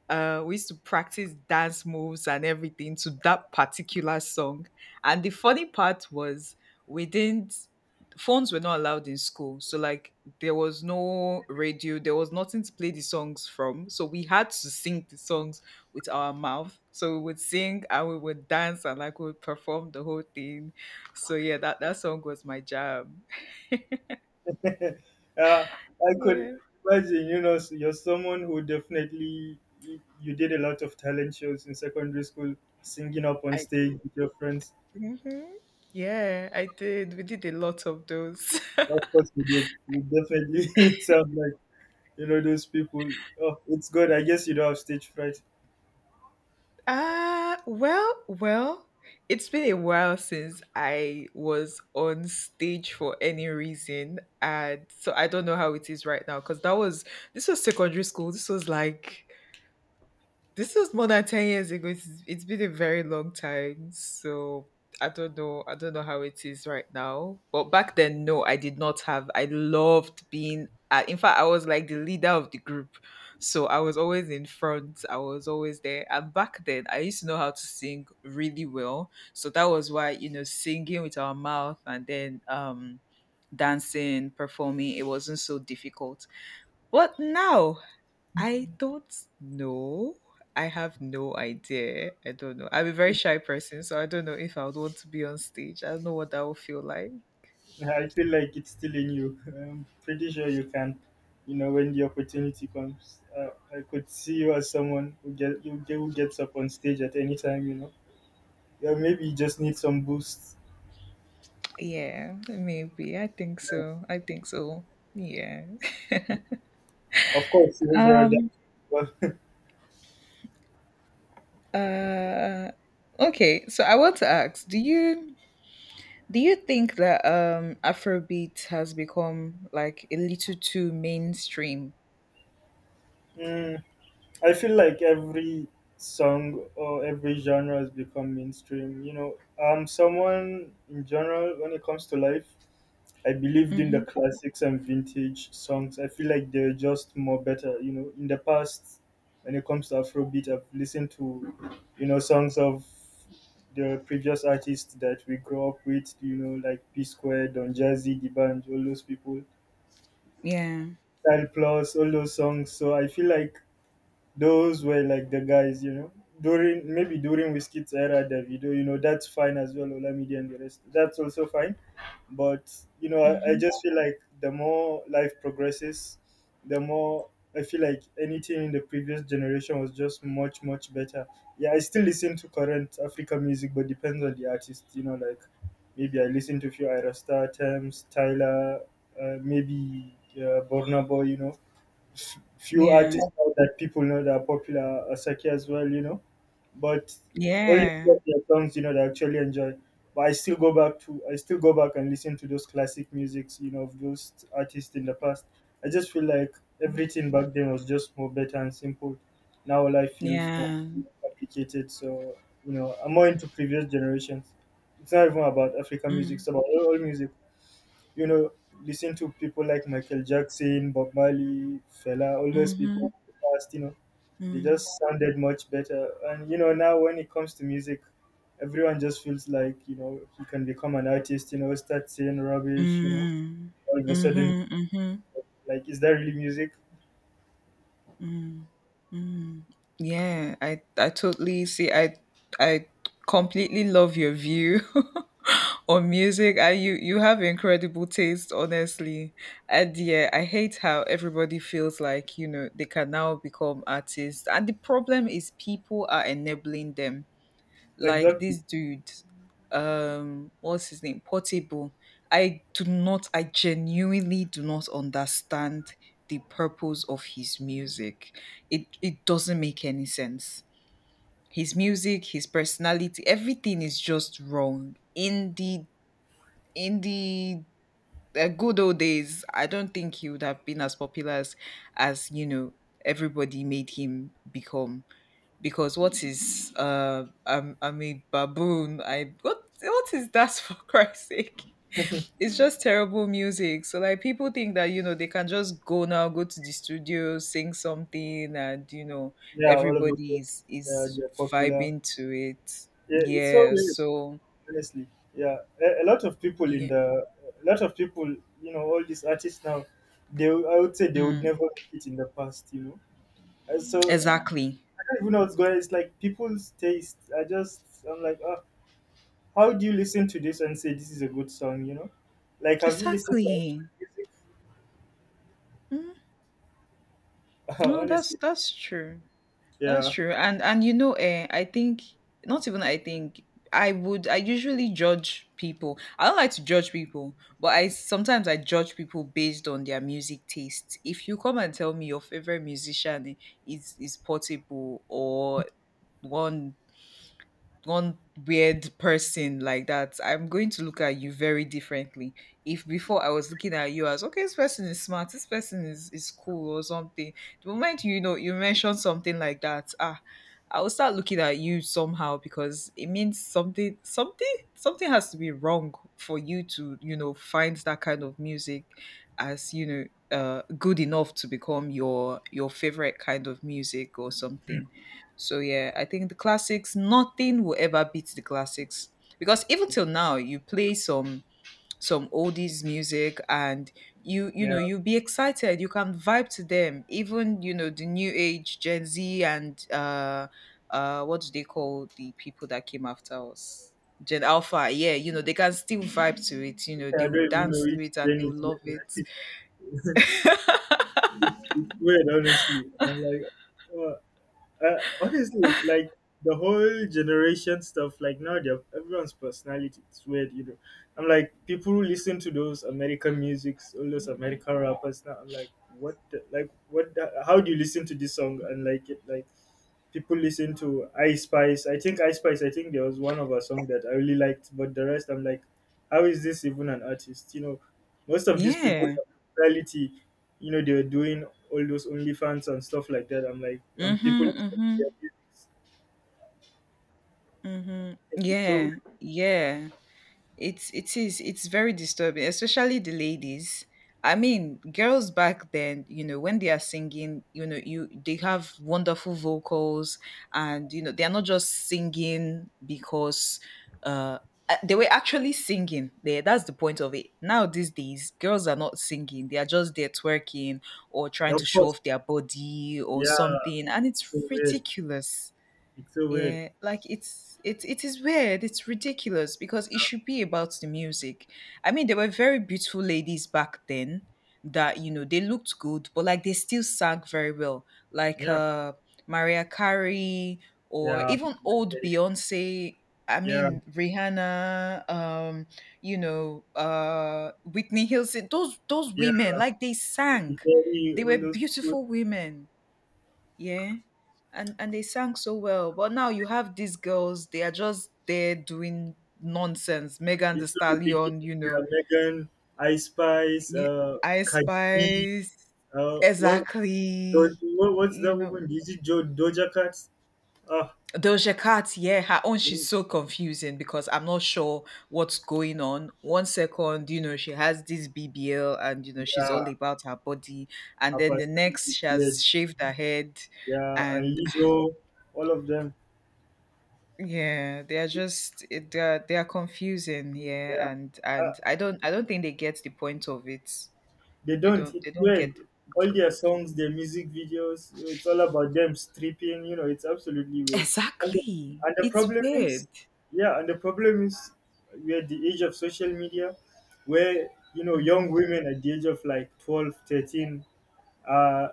[SPEAKER 1] we used to practice dance moves and everything to that particular song. And the funny part was we didn't phones were not allowed in school. So like there was no radio, there was nothing to play the songs from. So we had to sing the songs with our mouth. So we would sing and we would dance and like we would perform the whole thing. So yeah, that song was my jam.
[SPEAKER 2] yeah, I could
[SPEAKER 1] Yeah,
[SPEAKER 2] imagine, you know, you're someone who definitely you did a lot of talent shows in secondary school, singing up on
[SPEAKER 1] I
[SPEAKER 2] stage
[SPEAKER 1] did.
[SPEAKER 2] with your friends.
[SPEAKER 1] Hmm. Yeah, I did. We did a lot of those.
[SPEAKER 2] Of course, you did. You definitely sound like, you know, those people. Oh, it's good. I guess you don't have stage fright.
[SPEAKER 1] Ah, well, well, it's been a while since I was on stage for any reason. And so I don't know how it is right now because that was, this was secondary school. This was like This is more than 10 years ago. It's been a very long time. So I don't know. I don't know how it is right now. But back then, no, I did not have. I loved being. In fact, I was like the leader of the group. So I was always in front. I was always there. And back then, I used to know how to sing really well. So that was why, you know, singing with our mouth, and then dancing, performing, it wasn't so difficult. But now, I don't know. I have no idea. I don't know. I'm a very shy person, so I don't know if I would want to be on stage. I don't know what that would feel like.
[SPEAKER 2] I feel like it's still in you. I'm pretty sure you can, you know, when the opportunity comes. I could see you as someone who who gets up on stage at any time, you know. Yeah, maybe you just need some boost.
[SPEAKER 1] Yeah, maybe. I think so. I think so. Yeah.
[SPEAKER 2] Of course, you're a
[SPEAKER 1] Um
[SPEAKER 2] dancer.
[SPEAKER 1] uh okay, so I want to ask, do you think that Afrobeat has become like a little too mainstream?
[SPEAKER 2] Mm, I feel like every song or every genre has become mainstream. You know, I'm someone in general when it comes to life. I believed in the
[SPEAKER 1] Mm-hmm.
[SPEAKER 2] classics and vintage songs. I feel like they're just more better. You know, in the past, when it comes to Afrobeat, I've listened to, you know, songs of the previous artists that we grew up with. You know, like P Square, Don Jazzy, Dibanj, all those people,
[SPEAKER 1] Yeah.
[SPEAKER 2] Style Plus, all those songs. So I feel like those were like the guys, you know. During maybe during Whiskey's era, Davido, you know, that's fine as well, Olamide and the rest. That's also fine. But you know, I
[SPEAKER 1] Mm-hmm.
[SPEAKER 2] just feel like the more life progresses, the more I feel like anything in the previous generation was just much, much better. Yeah, I still listen to current African music, but depends on the artist, you know, like maybe I listen to a few Ira Star Thames, Tyler, maybe Burna Boy, you know, few
[SPEAKER 1] Yeah.
[SPEAKER 2] artists now that people know that are popular are Saki as well, you know, but only few
[SPEAKER 1] Yeah.
[SPEAKER 2] of their songs, you know, that I actually enjoy. But I still go back and listen to those classic musics, you know, of those artists in the past. I just feel like everything back then was just more better and simple. Now life feels more
[SPEAKER 1] Yeah.
[SPEAKER 2] complicated. So, you know, I'm more into previous generations. It's not even about African music, it's about all music, you know, listen to people like Michael Jackson, Bob Marley, Fela, all those people
[SPEAKER 1] Mm-hmm.
[SPEAKER 2] of the past, you know, they just
[SPEAKER 1] Mm.
[SPEAKER 2] sounded much better. And, you know, now when it comes to music, everyone just feels like, you know, he can become an artist, you know, start saying rubbish, you know,
[SPEAKER 1] Mhm.
[SPEAKER 2] all of a sudden,
[SPEAKER 1] Mhm, mhm.
[SPEAKER 2] like, is that really music?
[SPEAKER 1] Yeah, I totally see. I completely love your view on music. I you you have incredible taste, honestly. And yeah, I hate how everybody feels like, you know, they can now become artists, and the problem is people are enabling them. Like
[SPEAKER 2] Exactly.
[SPEAKER 1] this dude, what's his name, Portable? I do not I genuinely do not understand the purpose of his music. It doesn't make any sense. His music, his personality, everything is just wrong in the good old days. I don't think he would have been as popular as, you know, everybody made him become. Because what is, "I'm, a baboon"? I what is that? For Christ's sake. It's just terrible music. So like people think that, you know, they can just go now, go to the studio, sing something, and, you know,
[SPEAKER 2] Yeah, all of a
[SPEAKER 1] everybody
[SPEAKER 2] sudden,
[SPEAKER 1] is
[SPEAKER 2] yeah,
[SPEAKER 1] is
[SPEAKER 2] they're popular.
[SPEAKER 1] vibing to it.
[SPEAKER 2] Yeah, it's so
[SPEAKER 1] Yeah.
[SPEAKER 2] weird,
[SPEAKER 1] So
[SPEAKER 2] honestly. Yeah, a lot of people in
[SPEAKER 1] yeah.
[SPEAKER 2] the, a lot of people, you know, all these artists now, they, I would say, they would
[SPEAKER 1] Mm,
[SPEAKER 2] never make it in the past, you know. And so I
[SPEAKER 1] exactly.
[SPEAKER 2] don't even know what's going on. It's like people's taste, I just, I'm like, how do you listen to this and say this is a good song, you know, like have you listened to actual
[SPEAKER 1] Exactly.
[SPEAKER 2] music?
[SPEAKER 1] Mm, no, that's
[SPEAKER 2] Honestly.
[SPEAKER 1] that's true. That's
[SPEAKER 2] Yeah,
[SPEAKER 1] true. And you know, I think not even I think I usually judge people. I don't like to judge people, but I sometimes I judge people based on their music taste. If you come and tell me your favorite musician is Portable or one one weird person like that, I'm going to look at you very differently. If before I was looking at you as okay, this person is smart, this person is cool or something. The moment you know you mention something like that, ah, I will start looking at you somehow because it means something something something has to be wrong for you to, you know, find that kind of music as, you know, good enough to become your favorite kind of music or something. So yeah, I think the classics, nothing will ever beat the classics. Because even till now, you play some oldies music, and you you
[SPEAKER 2] yeah,
[SPEAKER 1] know you'll be excited. You can vibe to them. Even you know the new age Gen Z and what do they call the people that came after us? Gen Alpha, yeah, you know, they can still vibe to it, you know,
[SPEAKER 2] I
[SPEAKER 1] they will
[SPEAKER 2] don't even know
[SPEAKER 1] dance to
[SPEAKER 2] which
[SPEAKER 1] it and
[SPEAKER 2] gen
[SPEAKER 1] they
[SPEAKER 2] is
[SPEAKER 1] will love it.
[SPEAKER 2] gen. It's weird honestly, I'm like, uh, honestly, like the whole generation stuff, like now they have everyone's personality. It's weird, you know. I'm like, people who listen to those American musics, all those American rappers now, I'm like, how do you listen to this song and like it? Like, people listen to I Spice. I think I Spice, I think there was one of her song that I really liked, but the rest I'm like, how is this even an artist? You know, most of these people,
[SPEAKER 1] Yeah.
[SPEAKER 2] reality, you know, they were doing all those OnlyFans and stuff like that. I'm like, people
[SPEAKER 1] Mm-hmm.
[SPEAKER 2] listen to
[SPEAKER 1] Mm-hmm.
[SPEAKER 2] their music.
[SPEAKER 1] Mm-hmm.
[SPEAKER 2] It's so
[SPEAKER 1] Yeah.
[SPEAKER 2] weird.
[SPEAKER 1] Yeah. It's it is it's very disturbing, especially the ladies. I mean, girls back then, when they are singing, you they have wonderful vocals, and they are not just singing because uh they were actually singing there. That's the point of it. Now these days girls are not singing, they are just there twerking or trying to
[SPEAKER 2] Of
[SPEAKER 1] show
[SPEAKER 2] course,
[SPEAKER 1] off their body or
[SPEAKER 2] yeah,
[SPEAKER 1] something, and
[SPEAKER 2] it's so
[SPEAKER 1] it's
[SPEAKER 2] weird.
[SPEAKER 1] ridiculous.
[SPEAKER 2] It's so weird.
[SPEAKER 1] Yeah, like it is weird. It's ridiculous because it should be about the music. I mean, there were very beautiful ladies back then that you know they looked good, but like they still sang very well, like
[SPEAKER 2] Yeah,
[SPEAKER 1] Mariah Carey, or
[SPEAKER 2] yeah,
[SPEAKER 1] even
[SPEAKER 2] yeah,
[SPEAKER 1] old Beyonce. I
[SPEAKER 2] yeah,
[SPEAKER 1] mean Rihanna, you know, Whitney Houston. Those
[SPEAKER 2] yeah.
[SPEAKER 1] women, like they
[SPEAKER 2] Katy
[SPEAKER 1] sang.
[SPEAKER 2] Perry,
[SPEAKER 1] They
[SPEAKER 2] all
[SPEAKER 1] were
[SPEAKER 2] those people.
[SPEAKER 1] beautiful women. Yeah, and they sang so well. But now you have these girls; they are just there doing nonsense. Megan the
[SPEAKER 2] It's so ridiculous.
[SPEAKER 1] Stallion, you know,
[SPEAKER 2] Yeah, Megan, Ice Spice,
[SPEAKER 1] y- Ice
[SPEAKER 2] Cardi B,
[SPEAKER 1] Spice,
[SPEAKER 2] Uh, what,
[SPEAKER 1] exactly,
[SPEAKER 2] what's
[SPEAKER 1] you
[SPEAKER 2] that woman?
[SPEAKER 1] know.
[SPEAKER 2] Is it Doja Cat? Ah,
[SPEAKER 1] Doja Cat, yeah, her own,
[SPEAKER 2] yeah,
[SPEAKER 1] she's so confusing because I'm not sure what's going on. One second, you know, she has this BBL and you know she's all about her body, and
[SPEAKER 2] her
[SPEAKER 1] then the next
[SPEAKER 2] personality,
[SPEAKER 1] she
[SPEAKER 2] weird.
[SPEAKER 1] has shaved her head,
[SPEAKER 2] Yeah, and
[SPEAKER 1] and
[SPEAKER 2] Lizzo, all of them.
[SPEAKER 1] yeah, they are just they are confusing.
[SPEAKER 2] Yeah,
[SPEAKER 1] Yeah, and
[SPEAKER 2] uh,
[SPEAKER 1] I don't think they get the point of it.
[SPEAKER 2] they
[SPEAKER 1] They
[SPEAKER 2] don't.
[SPEAKER 1] don't
[SPEAKER 2] It's
[SPEAKER 1] they don't
[SPEAKER 2] weird.
[SPEAKER 1] get the point
[SPEAKER 2] All
[SPEAKER 1] of
[SPEAKER 2] their
[SPEAKER 1] it.
[SPEAKER 2] songs, their music videos, it's all about them stripping. You know, it's absolutely weird. And the,
[SPEAKER 1] Exactly.
[SPEAKER 2] and the
[SPEAKER 1] It's
[SPEAKER 2] problem is,
[SPEAKER 1] weird.
[SPEAKER 2] yeah, and the problem is, we're at the age of social media, where you know young women at the age of like 12, thirteen 13 are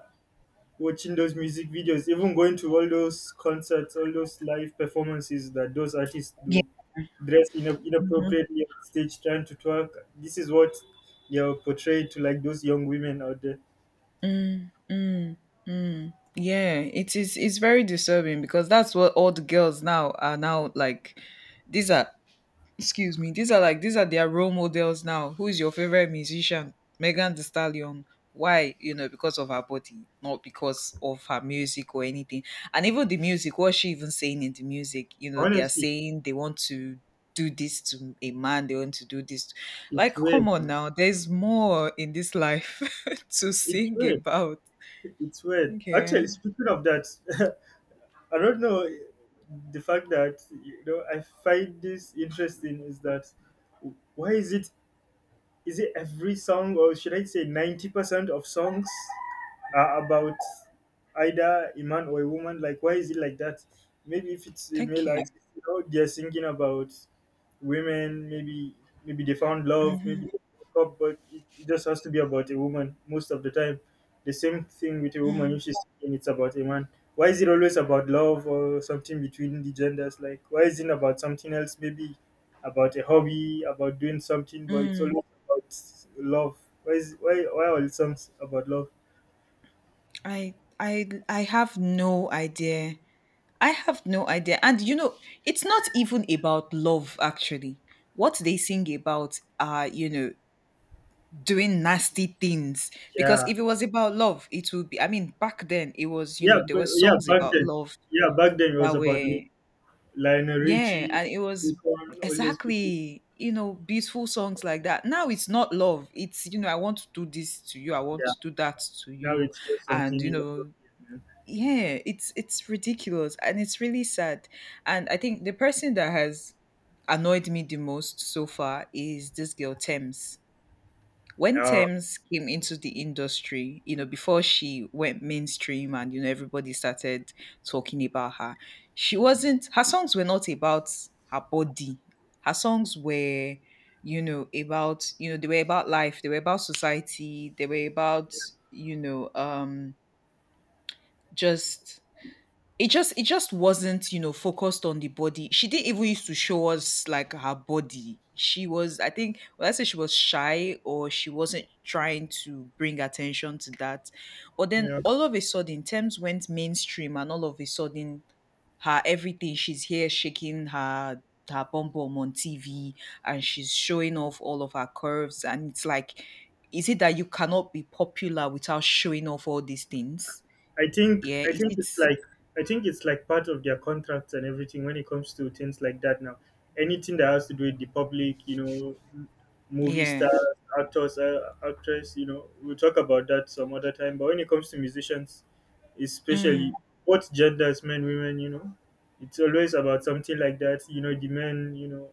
[SPEAKER 2] watching those music videos, even going to all those concerts, all those live performances that those artists
[SPEAKER 1] Yeah.
[SPEAKER 2] do, dressed in inappropriately on stage, trying to twerk. This is what they are portrayed to, like, those young women out there.
[SPEAKER 1] Mm, mm, mm. Yeah, it is. It's very disturbing because that's what all the girls now are now like. These are, excuse me, these are like these are their role models now. Who is your favorite musician? Megan Thee Stallion? Why? You know, because of her body, not because of her music or anything. And even the music, what's she even saying in the music? You know, they are
[SPEAKER 2] Honestly,
[SPEAKER 1] saying they want to do this to a man, they want to do this.
[SPEAKER 2] it's
[SPEAKER 1] Like,
[SPEAKER 2] weird,
[SPEAKER 1] come on
[SPEAKER 2] man.
[SPEAKER 1] now, there's more in this life to
[SPEAKER 2] It's
[SPEAKER 1] sing
[SPEAKER 2] weird.
[SPEAKER 1] about.
[SPEAKER 2] It's weird.
[SPEAKER 1] Yeah,
[SPEAKER 2] Actually, speaking of that, I don't know, the fact that you know I find this interesting is that why is it, is it every song or should I say 90% of songs are about either a man or a woman. Like, why is it like that? Maybe if it's a
[SPEAKER 1] thank
[SPEAKER 2] male
[SPEAKER 1] you.
[SPEAKER 2] artist, you know, they're singing about women. Maybe they found love.
[SPEAKER 1] hmm
[SPEAKER 2] Maybe they broke up, but it just has to be about a woman most of the time. The same thing with a woman, if
[SPEAKER 1] mm
[SPEAKER 2] she's singing, it's about a man. Why is it always about love or something between the genders? Like, why isn't it about something else? Maybe about a hobby, about doing something, but it's always
[SPEAKER 1] hmm.
[SPEAKER 2] about love. Why is why are all songs about love?
[SPEAKER 1] i I have no idea. I have no idea. And you know, it's not even about love, actually. What they sing about are, you know, doing nasty things. Because
[SPEAKER 2] Yeah.
[SPEAKER 1] if it was about love, it would be, I mean, back then, it was, you
[SPEAKER 2] Yeah,
[SPEAKER 1] know, there
[SPEAKER 2] but
[SPEAKER 1] were songs about love
[SPEAKER 2] yeah, back then it was
[SPEAKER 1] that
[SPEAKER 2] about
[SPEAKER 1] were,
[SPEAKER 2] Lionel
[SPEAKER 1] yeah,
[SPEAKER 2] Richie,
[SPEAKER 1] and it was
[SPEAKER 2] Akon, all those people.
[SPEAKER 1] exactly, you know, beautiful songs like that. Now it's not love. It's, you know, I want to do this to you. I want
[SPEAKER 2] Yeah,
[SPEAKER 1] to do that to
[SPEAKER 2] now
[SPEAKER 1] you.
[SPEAKER 2] it's just
[SPEAKER 1] And,
[SPEAKER 2] something
[SPEAKER 1] you know,
[SPEAKER 2] inappropriate, man.
[SPEAKER 1] yeah, it's ridiculous and it's really sad, and I think the person that has annoyed me the most so far is this girl Thames. When
[SPEAKER 2] Uh,
[SPEAKER 1] Thames came into the industry, you know, before she went mainstream and you know everybody started talking about her, she wasn't, her songs were not about her body. Her songs were, you know, about, you know, they were about life, they were about society, they were about, you know just it just it just wasn't, you know, focused on the body. She didn't even used to show us like her body. She was, I think, well, I say she was shy, or she wasn't trying to bring attention to that. But then
[SPEAKER 2] yeah.
[SPEAKER 1] all of a sudden, Thames went mainstream, and all of a sudden, her everything. She's here shaking her bum bum on TV, and she's showing off all of her curves. And it's like, is it that you cannot be popular without showing off all these things?
[SPEAKER 2] I think
[SPEAKER 1] Yeah,
[SPEAKER 2] I
[SPEAKER 1] is
[SPEAKER 2] think
[SPEAKER 1] it?
[SPEAKER 2] it's like I think it's like part of their contracts and everything when it comes to things like that now. Anything that has to do with the public, you know, movie
[SPEAKER 1] Yeah.
[SPEAKER 2] stars, actors, actress, you know, we'll talk about that some other time. But when it comes to musicians, especially
[SPEAKER 1] Mm,
[SPEAKER 2] both genders, men, women, you know, it's always about something like that. You know, the men, you know,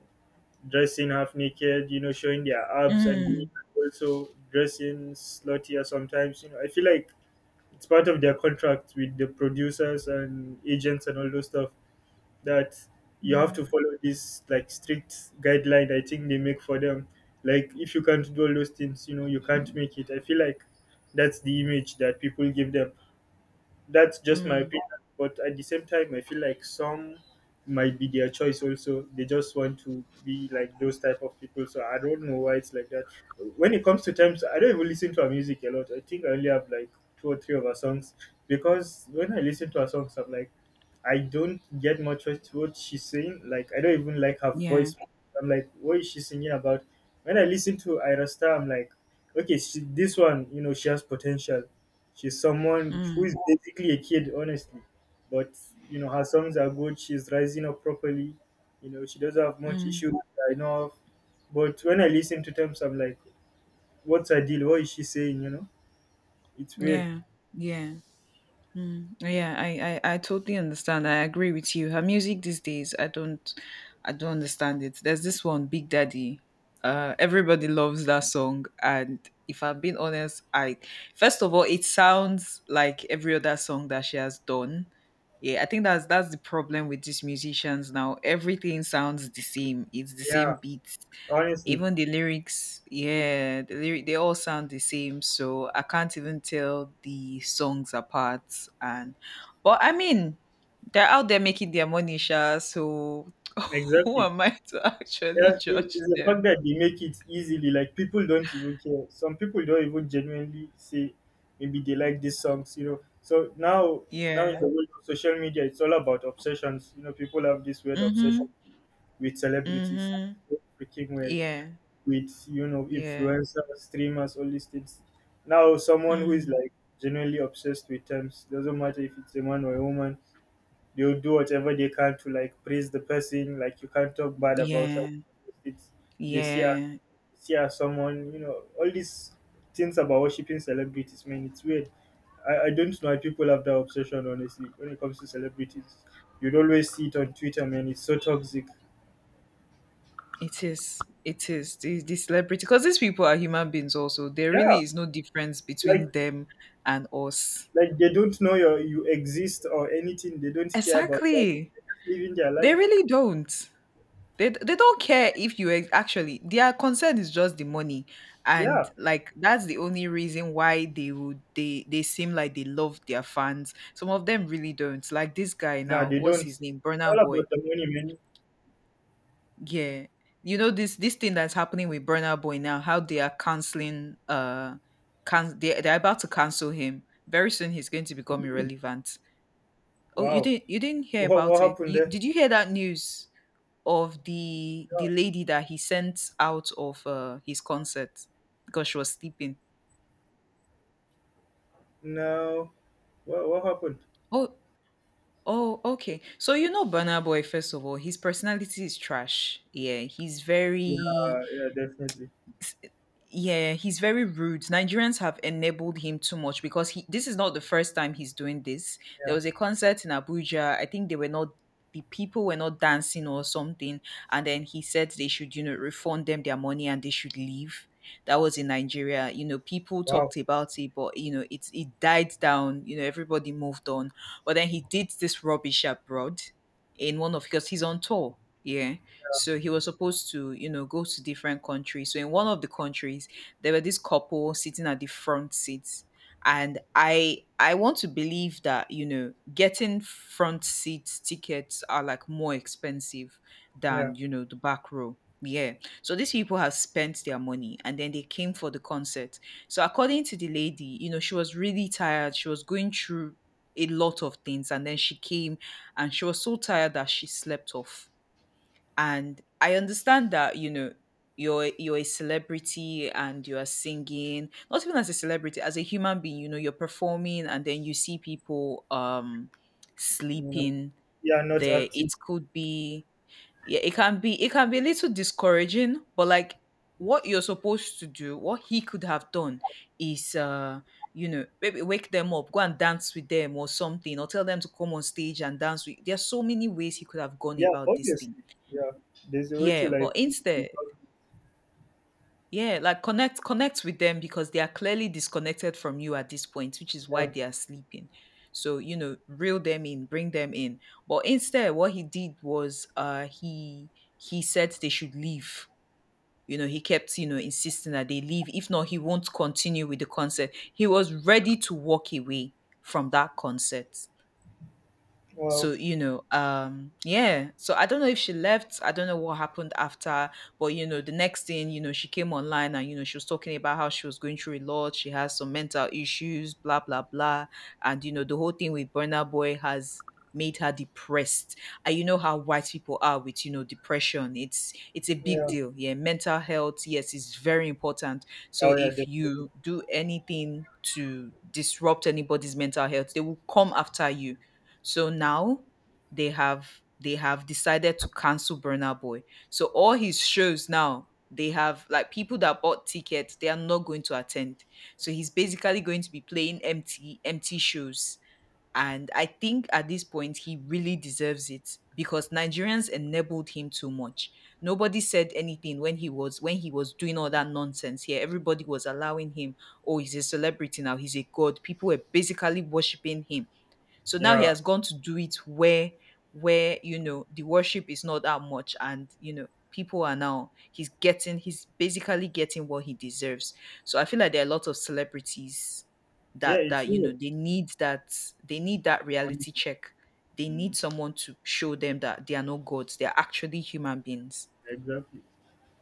[SPEAKER 2] dressing half naked, you know, showing their abs, and the women
[SPEAKER 1] mm,
[SPEAKER 2] also dressing sluttier sometimes. You know, I feel like it's part of their contract with the producers and agents and all those stuff that you have
[SPEAKER 1] mm,
[SPEAKER 2] to follow this like strict guideline I think they make for them. Like if you can't do all those things, you know, you can't make it. I feel like that's the image that people give them. That's just my
[SPEAKER 1] mm,
[SPEAKER 2] opinion. But at the same time, I feel like some might be their choice also. They just want to be like those type of people. So I don't know why it's like that. When it comes to times, I don't even listen to her music a lot. I think I only have like two or three of her songs because when I listen to her songs, I'm like, I don't get much what she's saying. Like I don't even like her
[SPEAKER 1] yeah,
[SPEAKER 2] voice. I'm like, what is she singing about? When I listen to Ira Star, I'm like, okay, she, this one, you know, she has potential. She's someone who
[SPEAKER 1] mm,
[SPEAKER 2] is basically a kid, honestly. But you know, her songs are good. She's rising up properly. You know, she doesn't have much
[SPEAKER 1] mm,
[SPEAKER 2] issues that I know of. But when I listen to them, I'm like, what's her deal? What is she saying? You know, it's weird.
[SPEAKER 1] yeah, yeah, mm, yeah. I totally understand. I agree with you. Her music these days, I don't understand it. There's this one, Big Daddy. Everybody loves that song, and if I'm being honest, I, first of all, it sounds like every other song that she has done. Yeah, I think that's the problem with these musicians now. Everything sounds the same. It's the same
[SPEAKER 2] Yeah,
[SPEAKER 1] beats,
[SPEAKER 2] honestly,
[SPEAKER 1] even the lyrics. Yeah, the lyric, they all sound the same, so I can't even tell the songs apart. And but I mean, they're out there making their money sha, so who
[SPEAKER 2] exactly.
[SPEAKER 1] am I to
[SPEAKER 2] Yeah,
[SPEAKER 1] actually judge
[SPEAKER 2] it's the fact
[SPEAKER 1] them?
[SPEAKER 2] that they make it easily. Like people don't even care. Some people don't even genuinely say maybe they like these songs. You know, so now in the
[SPEAKER 1] Yeah.
[SPEAKER 2] world of social media, it's all about obsessions. You know, people have this weird
[SPEAKER 1] mm-hmm
[SPEAKER 2] obsession with celebrities,
[SPEAKER 1] mm-hmm
[SPEAKER 2] freaking weird,
[SPEAKER 1] yeah
[SPEAKER 2] with you know
[SPEAKER 1] yeah
[SPEAKER 2] influencers, streamers, all these things. Now, someone who is
[SPEAKER 1] mm,
[SPEAKER 2] like genuinely obsessed with terms doesn't matter if it's a man or a woman, they'll do whatever they can to like praise the person. Like you can't talk bad about her.
[SPEAKER 1] yeah
[SPEAKER 2] It's they see her,
[SPEAKER 1] yeah,
[SPEAKER 2] see her as someone you know all these things about worshiping celebrities. Man, it's weird. I don't know why people have that obsession, honestly, when it comes to celebrities. You'd always see it on Twitter, man. It's so toxic.
[SPEAKER 1] it is the celebrity, because these people are human beings also. There
[SPEAKER 2] Yeah,
[SPEAKER 1] really is no difference
[SPEAKER 2] like
[SPEAKER 1] between them and us.
[SPEAKER 2] like they don't know you exist or anything. They don't care about that.
[SPEAKER 1] Exactly.
[SPEAKER 2] Living their
[SPEAKER 1] They
[SPEAKER 2] life.
[SPEAKER 1] really don't. They don't care if you actually their concern is just the money, and
[SPEAKER 2] Yeah.
[SPEAKER 1] like that's the only reason why they seem like they love their fans. Some of them really don't. Like this guy
[SPEAKER 2] No,
[SPEAKER 1] now,
[SPEAKER 2] they don't.
[SPEAKER 1] what's his
[SPEAKER 2] It's
[SPEAKER 1] name? Burner
[SPEAKER 2] all
[SPEAKER 1] Boy.
[SPEAKER 2] about the money, man.
[SPEAKER 1] Yeah, you know this thing that's happening with Burner Boy now. How they are canceling. Can they, they're about to cancel him very soon. He's going to become irrelevant. Oh, you
[SPEAKER 2] Wow.
[SPEAKER 1] didn't you didn't hear
[SPEAKER 2] What
[SPEAKER 1] about it?
[SPEAKER 2] happened there?
[SPEAKER 1] You hear that news? Of the
[SPEAKER 2] Yeah.
[SPEAKER 1] the lady that he sent out of his concert because she was sleeping.
[SPEAKER 2] No. What happened?
[SPEAKER 1] Oh, oh, okay. So you know Burna Boy, first of all, his personality is trash. Yeah, he's
[SPEAKER 2] Yeah,
[SPEAKER 1] very,
[SPEAKER 2] yeah, definitely.
[SPEAKER 1] yeah, he's very rude. Nigerians have enabled him too much because he, this is not the first time he's doing this. There
[SPEAKER 2] Yeah.
[SPEAKER 1] was a concert in Abuja. I think they were not, the people were not dancing or something, and then he said they should, you know, refund them their money and they should leave. That was in Nigeria. You know, people
[SPEAKER 2] Wow.
[SPEAKER 1] talked about it, but you know, it died down, you know, everybody moved on. But then he did this rubbish abroad, in one of, because he's on tour. Yeah. So he was supposed to, you know, go to different countries. So in one of the countries, there were this couple sitting at the front seats. And I want to believe that, you know, getting front seat tickets are like more expensive
[SPEAKER 2] Yeah.
[SPEAKER 1] than, you know, the back row. Yeah. So these people have spent their money and then they came for the concert. So according to the lady, you know, she was really tired. She was going through a lot of things, and then she came, and she was so tired that she slept off. And I understand that, you know, you're a celebrity and you are singing, not even as a celebrity, as a human being, you know, you're performing, and then you see people
[SPEAKER 2] You know.
[SPEAKER 1] sleeping
[SPEAKER 2] Yeah, not
[SPEAKER 1] there. It
[SPEAKER 2] active.
[SPEAKER 1] could be, yeah, it can be a little discouraging, but like what you're supposed to do, what he could have done is you know, maybe wake them up, go and dance with them or something, or tell them to come on stage and dance with, there's so many ways he could have gone
[SPEAKER 2] Yeah,
[SPEAKER 1] about this thing.
[SPEAKER 2] obviously. Yeah. There's a way to
[SPEAKER 1] Yeah, but
[SPEAKER 2] like
[SPEAKER 1] instead,
[SPEAKER 2] resolve-
[SPEAKER 1] yeah, like connect with them because they are clearly disconnected from you at this point, which is why
[SPEAKER 2] yeah.
[SPEAKER 1] they are sleeping. So, you know, reel them in, bring them in. But instead, what he did was he said they should leave. You know, he kept, you know, insisting that they leave. If not, he won't continue with the concert. He was ready to walk away from that concert.
[SPEAKER 2] Wow.
[SPEAKER 1] So you know, yeah, so I don't know if she left, I don't know what happened after, but you know, the next thing you know, she came online and you know she was talking about how she was going through a lot, she has some mental issues, blah blah blah, and you know, the whole thing with Burner Boy has made her depressed. And you know how white people are with, you know, depression, it's a big
[SPEAKER 2] Yeah.
[SPEAKER 1] deal. Yeah, mental health, yes, is very important. So
[SPEAKER 2] Oh yeah,
[SPEAKER 1] if
[SPEAKER 2] definitely.
[SPEAKER 1] you do anything to disrupt anybody's mental health, they will come after you. So now they have, they have decided to cancel Burner Boy. So all his shows now, they have like people that bought tickets, they are not going to attend. So he's basically going to be playing empty shows. And I think at this point he really deserves it because Nigerians enabled him too much. Nobody said anything when he was, when he was doing all that nonsense here. Everybody was allowing him, oh, he's a celebrity now, he's a god. People were basically worshiping him, so now he
[SPEAKER 2] Yeah.
[SPEAKER 1] has gone to do it where you know the worship is not that much, and you know people are now, he's getting, he's basically getting what he deserves. So I feel like there are a lot of celebrities
[SPEAKER 2] Yeah,
[SPEAKER 1] that,
[SPEAKER 2] it's
[SPEAKER 1] you know
[SPEAKER 2] weird.
[SPEAKER 1] they need that, they need that
[SPEAKER 2] Honestly.
[SPEAKER 1] reality check. They
[SPEAKER 2] Mm,
[SPEAKER 1] need someone to show them that they are not gods, they are actually human beings.
[SPEAKER 2] exactly.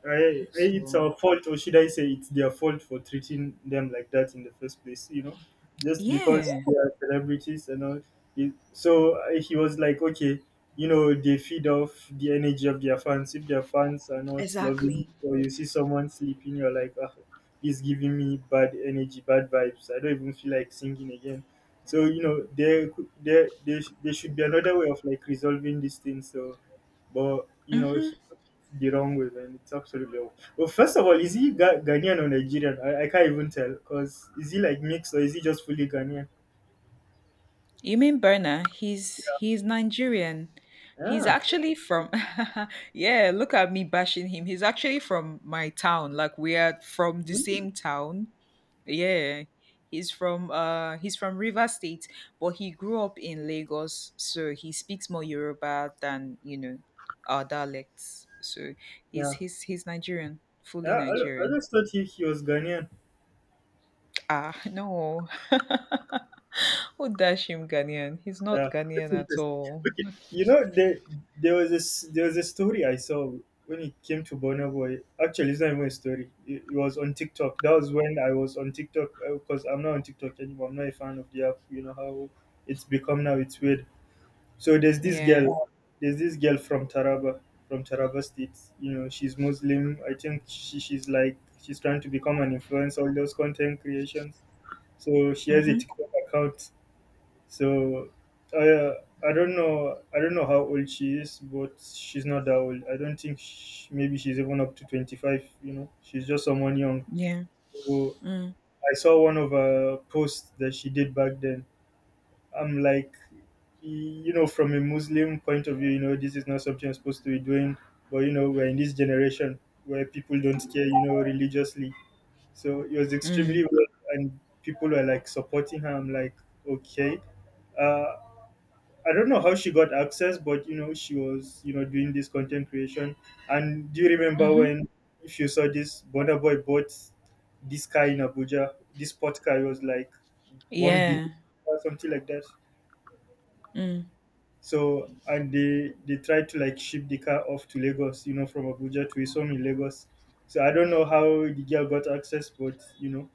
[SPEAKER 2] I, it's
[SPEAKER 1] So
[SPEAKER 2] our fault, or should I say, it's their fault for treating them like that in the first place, you know, just because
[SPEAKER 1] yeah.
[SPEAKER 2] they are celebrities and all. So he was like, okay, you know, they feed off the energy of their fans. If their fans are not loving,
[SPEAKER 1] Exactly.
[SPEAKER 2] or you see someone sleeping, you're like, ah, he's giving me bad energy, bad vibes. I don't even feel like singing again. So you know, there, could- there, sh- there should be another way of like resolving this thing. So but you know, he took it the wrong way, man. It's absolutely wrong. Well, first of all, is he Ghanaian or Nigerian? I can't even tell because is he like mixed or is he just fully Ghanaian?
[SPEAKER 1] You mean Berna? He's Nigerian. He's
[SPEAKER 2] Ah,
[SPEAKER 1] actually from, yeah, look at me bashing him. He's actually from my town. Like we are from the
[SPEAKER 2] mm,
[SPEAKER 1] same town. Yeah. He's from River State, but he grew up in Lagos, so he speaks more Yoruba than, you know, our dialects. So he's
[SPEAKER 2] yeah,
[SPEAKER 1] he's he's Nigerian,
[SPEAKER 2] yeah.
[SPEAKER 1] fully Nigerian.
[SPEAKER 2] I just thought he was Ghanaian.
[SPEAKER 1] Ah, no. Who dash him Ghanaian? He's
[SPEAKER 2] Yeah,
[SPEAKER 1] not Ghanaian
[SPEAKER 2] that's
[SPEAKER 1] at
[SPEAKER 2] interesting.
[SPEAKER 1] all.
[SPEAKER 2] Okay, you know, there was a story I saw when it came to Burna Boy. Actually, it's not even a story. It was on TikTok. That was when I was on TikTok because I'm not on TikTok anymore. I'm not a fan of the app. You know how it's become now. It's weird. So there's this
[SPEAKER 1] Yeah.
[SPEAKER 2] girl, there's this girl from Taraba State. You know, she's Muslim. I think she's like she's trying to become an influencer, all those content creations. So she has a
[SPEAKER 1] Mhm.
[SPEAKER 2] TikTok account. So I I don't know how old she is, but she's not that old. I don't think sh maybe she's even up to 25. You know, she's just someone young.
[SPEAKER 1] Yeah.
[SPEAKER 2] So
[SPEAKER 1] Mm.
[SPEAKER 2] I saw one of her posts that she did back then. I'm like, you know, from a Muslim point of view, you know, this is not something you're supposed to be doing. But you know, we're in this generation where people don't care, you know, religiously. So it was
[SPEAKER 1] Mm.
[SPEAKER 2] extremely weird, and people were like supporting her. I'm like, okay. Uh, I don't know how she got access, but you know, she was, you know, doing this content creation. And do you remember
[SPEAKER 1] Mhm.
[SPEAKER 2] when, if you saw this, Bonner Boy bought this car in Abuja, this sport car it was like one
[SPEAKER 1] Yeah.
[SPEAKER 2] billion or something like that.
[SPEAKER 1] Mm.
[SPEAKER 2] So and they tried to like ship the car off to Lagos, you know, from Abuja to his home in Lagos. So I don't know how the girl got access, but you know,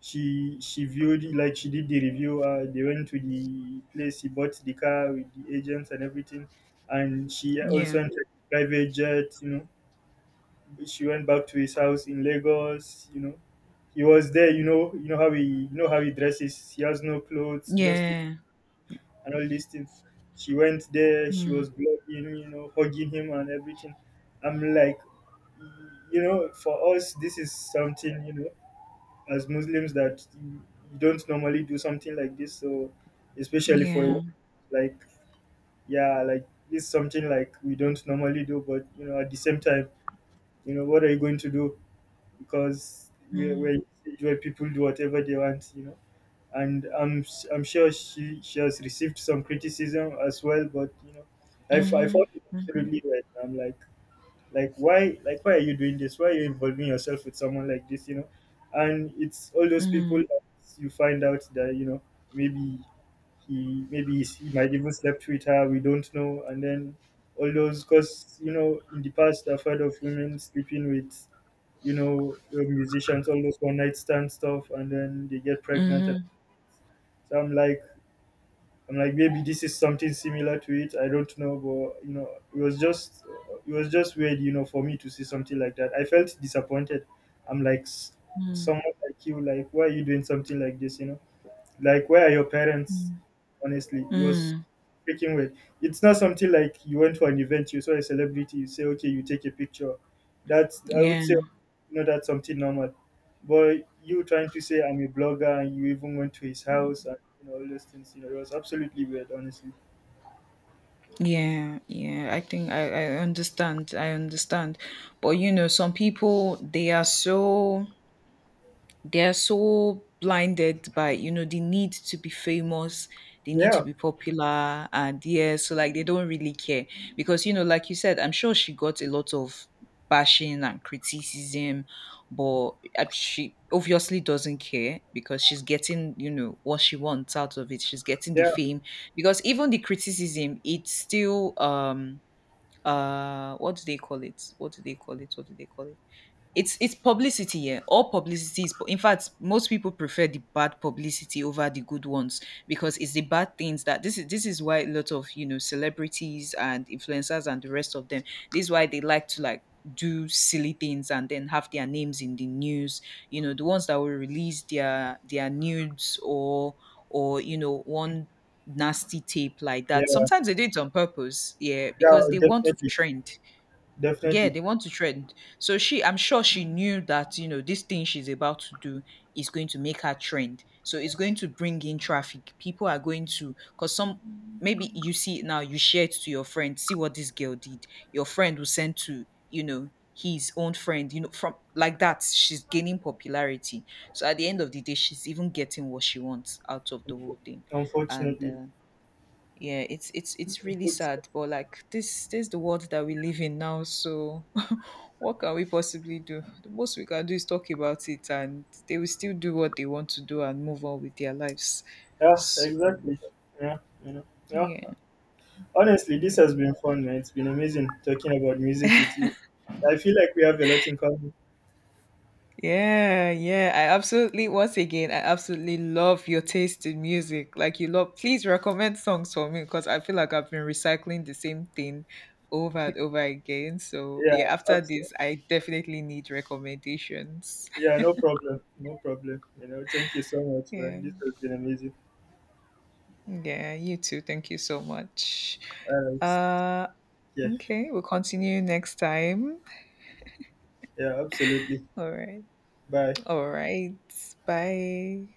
[SPEAKER 2] she viewed like she did the review. They went to the place, he bought the car with the agents and everything, and she also
[SPEAKER 1] Yeah.
[SPEAKER 2] entered a private jet. You know, she went back to his house in Lagos. You know, he was there. You know, you know how he dresses. He has no clothes, just
[SPEAKER 1] Yeah.
[SPEAKER 2] and all these things. She went there, she
[SPEAKER 1] Mm.
[SPEAKER 2] was blogging, you know, hugging him and everything. I'm like, you know, for us, this is something, you know, as Muslims that you don't normally do something like this. So, especially for a
[SPEAKER 1] Yeah.
[SPEAKER 2] like, yeah, like this is something like we don't normally do, but you know, at the same time, you know, what are you going to do? Because we're
[SPEAKER 1] Mm.
[SPEAKER 2] in a stage where people do whatever they want, you know and I'm sure she has received some criticism as well. But you know, I
[SPEAKER 1] Mhm.
[SPEAKER 2] found it
[SPEAKER 1] Mhm.
[SPEAKER 2] absolutely right. I'm like, why why are you doing this? Why are you involving yourself with someone like this? You know, and it's all those people
[SPEAKER 1] Mm.
[SPEAKER 2] that you find out that you know maybe he might even slept with her. We don't know, and then all those because you know in the past I've heard of women sleeping with you know musicians all those one night stand stuff and then they get pregnant and
[SPEAKER 1] Mhm.
[SPEAKER 2] so I'm like, maybe this is something similar to it. I don't know, but you know, it was just, it was just weird, you know, for me to see something like that. I felt disappointed. I'm like,
[SPEAKER 1] Mm.
[SPEAKER 2] someone like you, like, why are you doing something like this, you know? Like, where are your parents? Honestly, it was
[SPEAKER 1] Mm.
[SPEAKER 2] freaking weird. It's not something like you went for an event, you saw a celebrity, you say, okay, you take a picture. That's, I would
[SPEAKER 1] Yeah.
[SPEAKER 2] say, no, that's something normal. But you trying to say I'm a blogger and you even went to his house and you know, all those things, you know, it was absolutely weird, honestly.
[SPEAKER 1] Yeah. Yeah. I think I understand. I understand. But you know, some people they are so, they're so blinded by you know the need to be famous, they need
[SPEAKER 2] Yeah,
[SPEAKER 1] to be popular, and yeah, so like they don't really care, because you know like you said, I'm sure she got a lot of bashing and criticism, but she obviously doesn't care because she's getting you know what she wants out of it, she's getting the
[SPEAKER 2] yeah,
[SPEAKER 1] fame, because even the criticism it's still what do they call it, it's publicity, yeah. All publicity is. In fact, most people prefer the bad publicity over the good ones, because it's the bad things that, this is why a lot of, you know, celebrities and influencers and the rest of them, this is why they like to like do silly things and then have their names in the news. You know, the ones that will release their nudes, or you know, one nasty tape like that.
[SPEAKER 2] yeah,
[SPEAKER 1] Sometimes they do it on purpose, yeah,
[SPEAKER 2] yeah,
[SPEAKER 1] because they want to
[SPEAKER 2] definitely,
[SPEAKER 1] trend. Yeah,
[SPEAKER 2] definitely.
[SPEAKER 1] they want to trend. So she, I'm sure she knew that, you know, this thing she's about to do is going to make her trend. So it's going to bring in traffic. People are going to, because some, maybe you see it now, you share it to your friend, see what this girl did. Your friend will send to, you know, his own friend, you know, from like that, she's gaining popularity. So at the end of the day, she's even getting what she wants out of the whole thing. And
[SPEAKER 2] Unfortunately.
[SPEAKER 1] yeah, it's really
[SPEAKER 2] Unfortunately.
[SPEAKER 1] sad, but like this is the world that we live in now. So what can we possibly do? The most we can do is talk about it and they will still do what they want to do and move on with their lives.
[SPEAKER 2] Yeah,
[SPEAKER 1] So
[SPEAKER 2] exactly. Yeah, you know, yeah.
[SPEAKER 1] yeah,
[SPEAKER 2] Honestly, this
[SPEAKER 1] yeah.
[SPEAKER 2] has been fun, man. It's been amazing talking about music with you. I feel like we have a lot in common.
[SPEAKER 1] Yeah, yeah. I absolutely, once again, I absolutely love your taste in music. Like you love, please recommend songs for me because I feel like I've been recycling the same thing over and over again. So
[SPEAKER 2] Yeah,
[SPEAKER 1] yeah, after
[SPEAKER 2] absolutely.
[SPEAKER 1] this, I definitely need recommendations.
[SPEAKER 2] Yeah, no problem. No problem. You know, thank you so much, man.
[SPEAKER 1] Yeah.
[SPEAKER 2] This has been amazing.
[SPEAKER 1] Yeah, you too. Thank you so much.
[SPEAKER 2] All right.
[SPEAKER 1] Uh
[SPEAKER 2] Yeah,
[SPEAKER 1] okay, we'll continue next time.
[SPEAKER 2] yeah, absolutely.
[SPEAKER 1] All right.
[SPEAKER 2] Bye.
[SPEAKER 1] All right. Bye.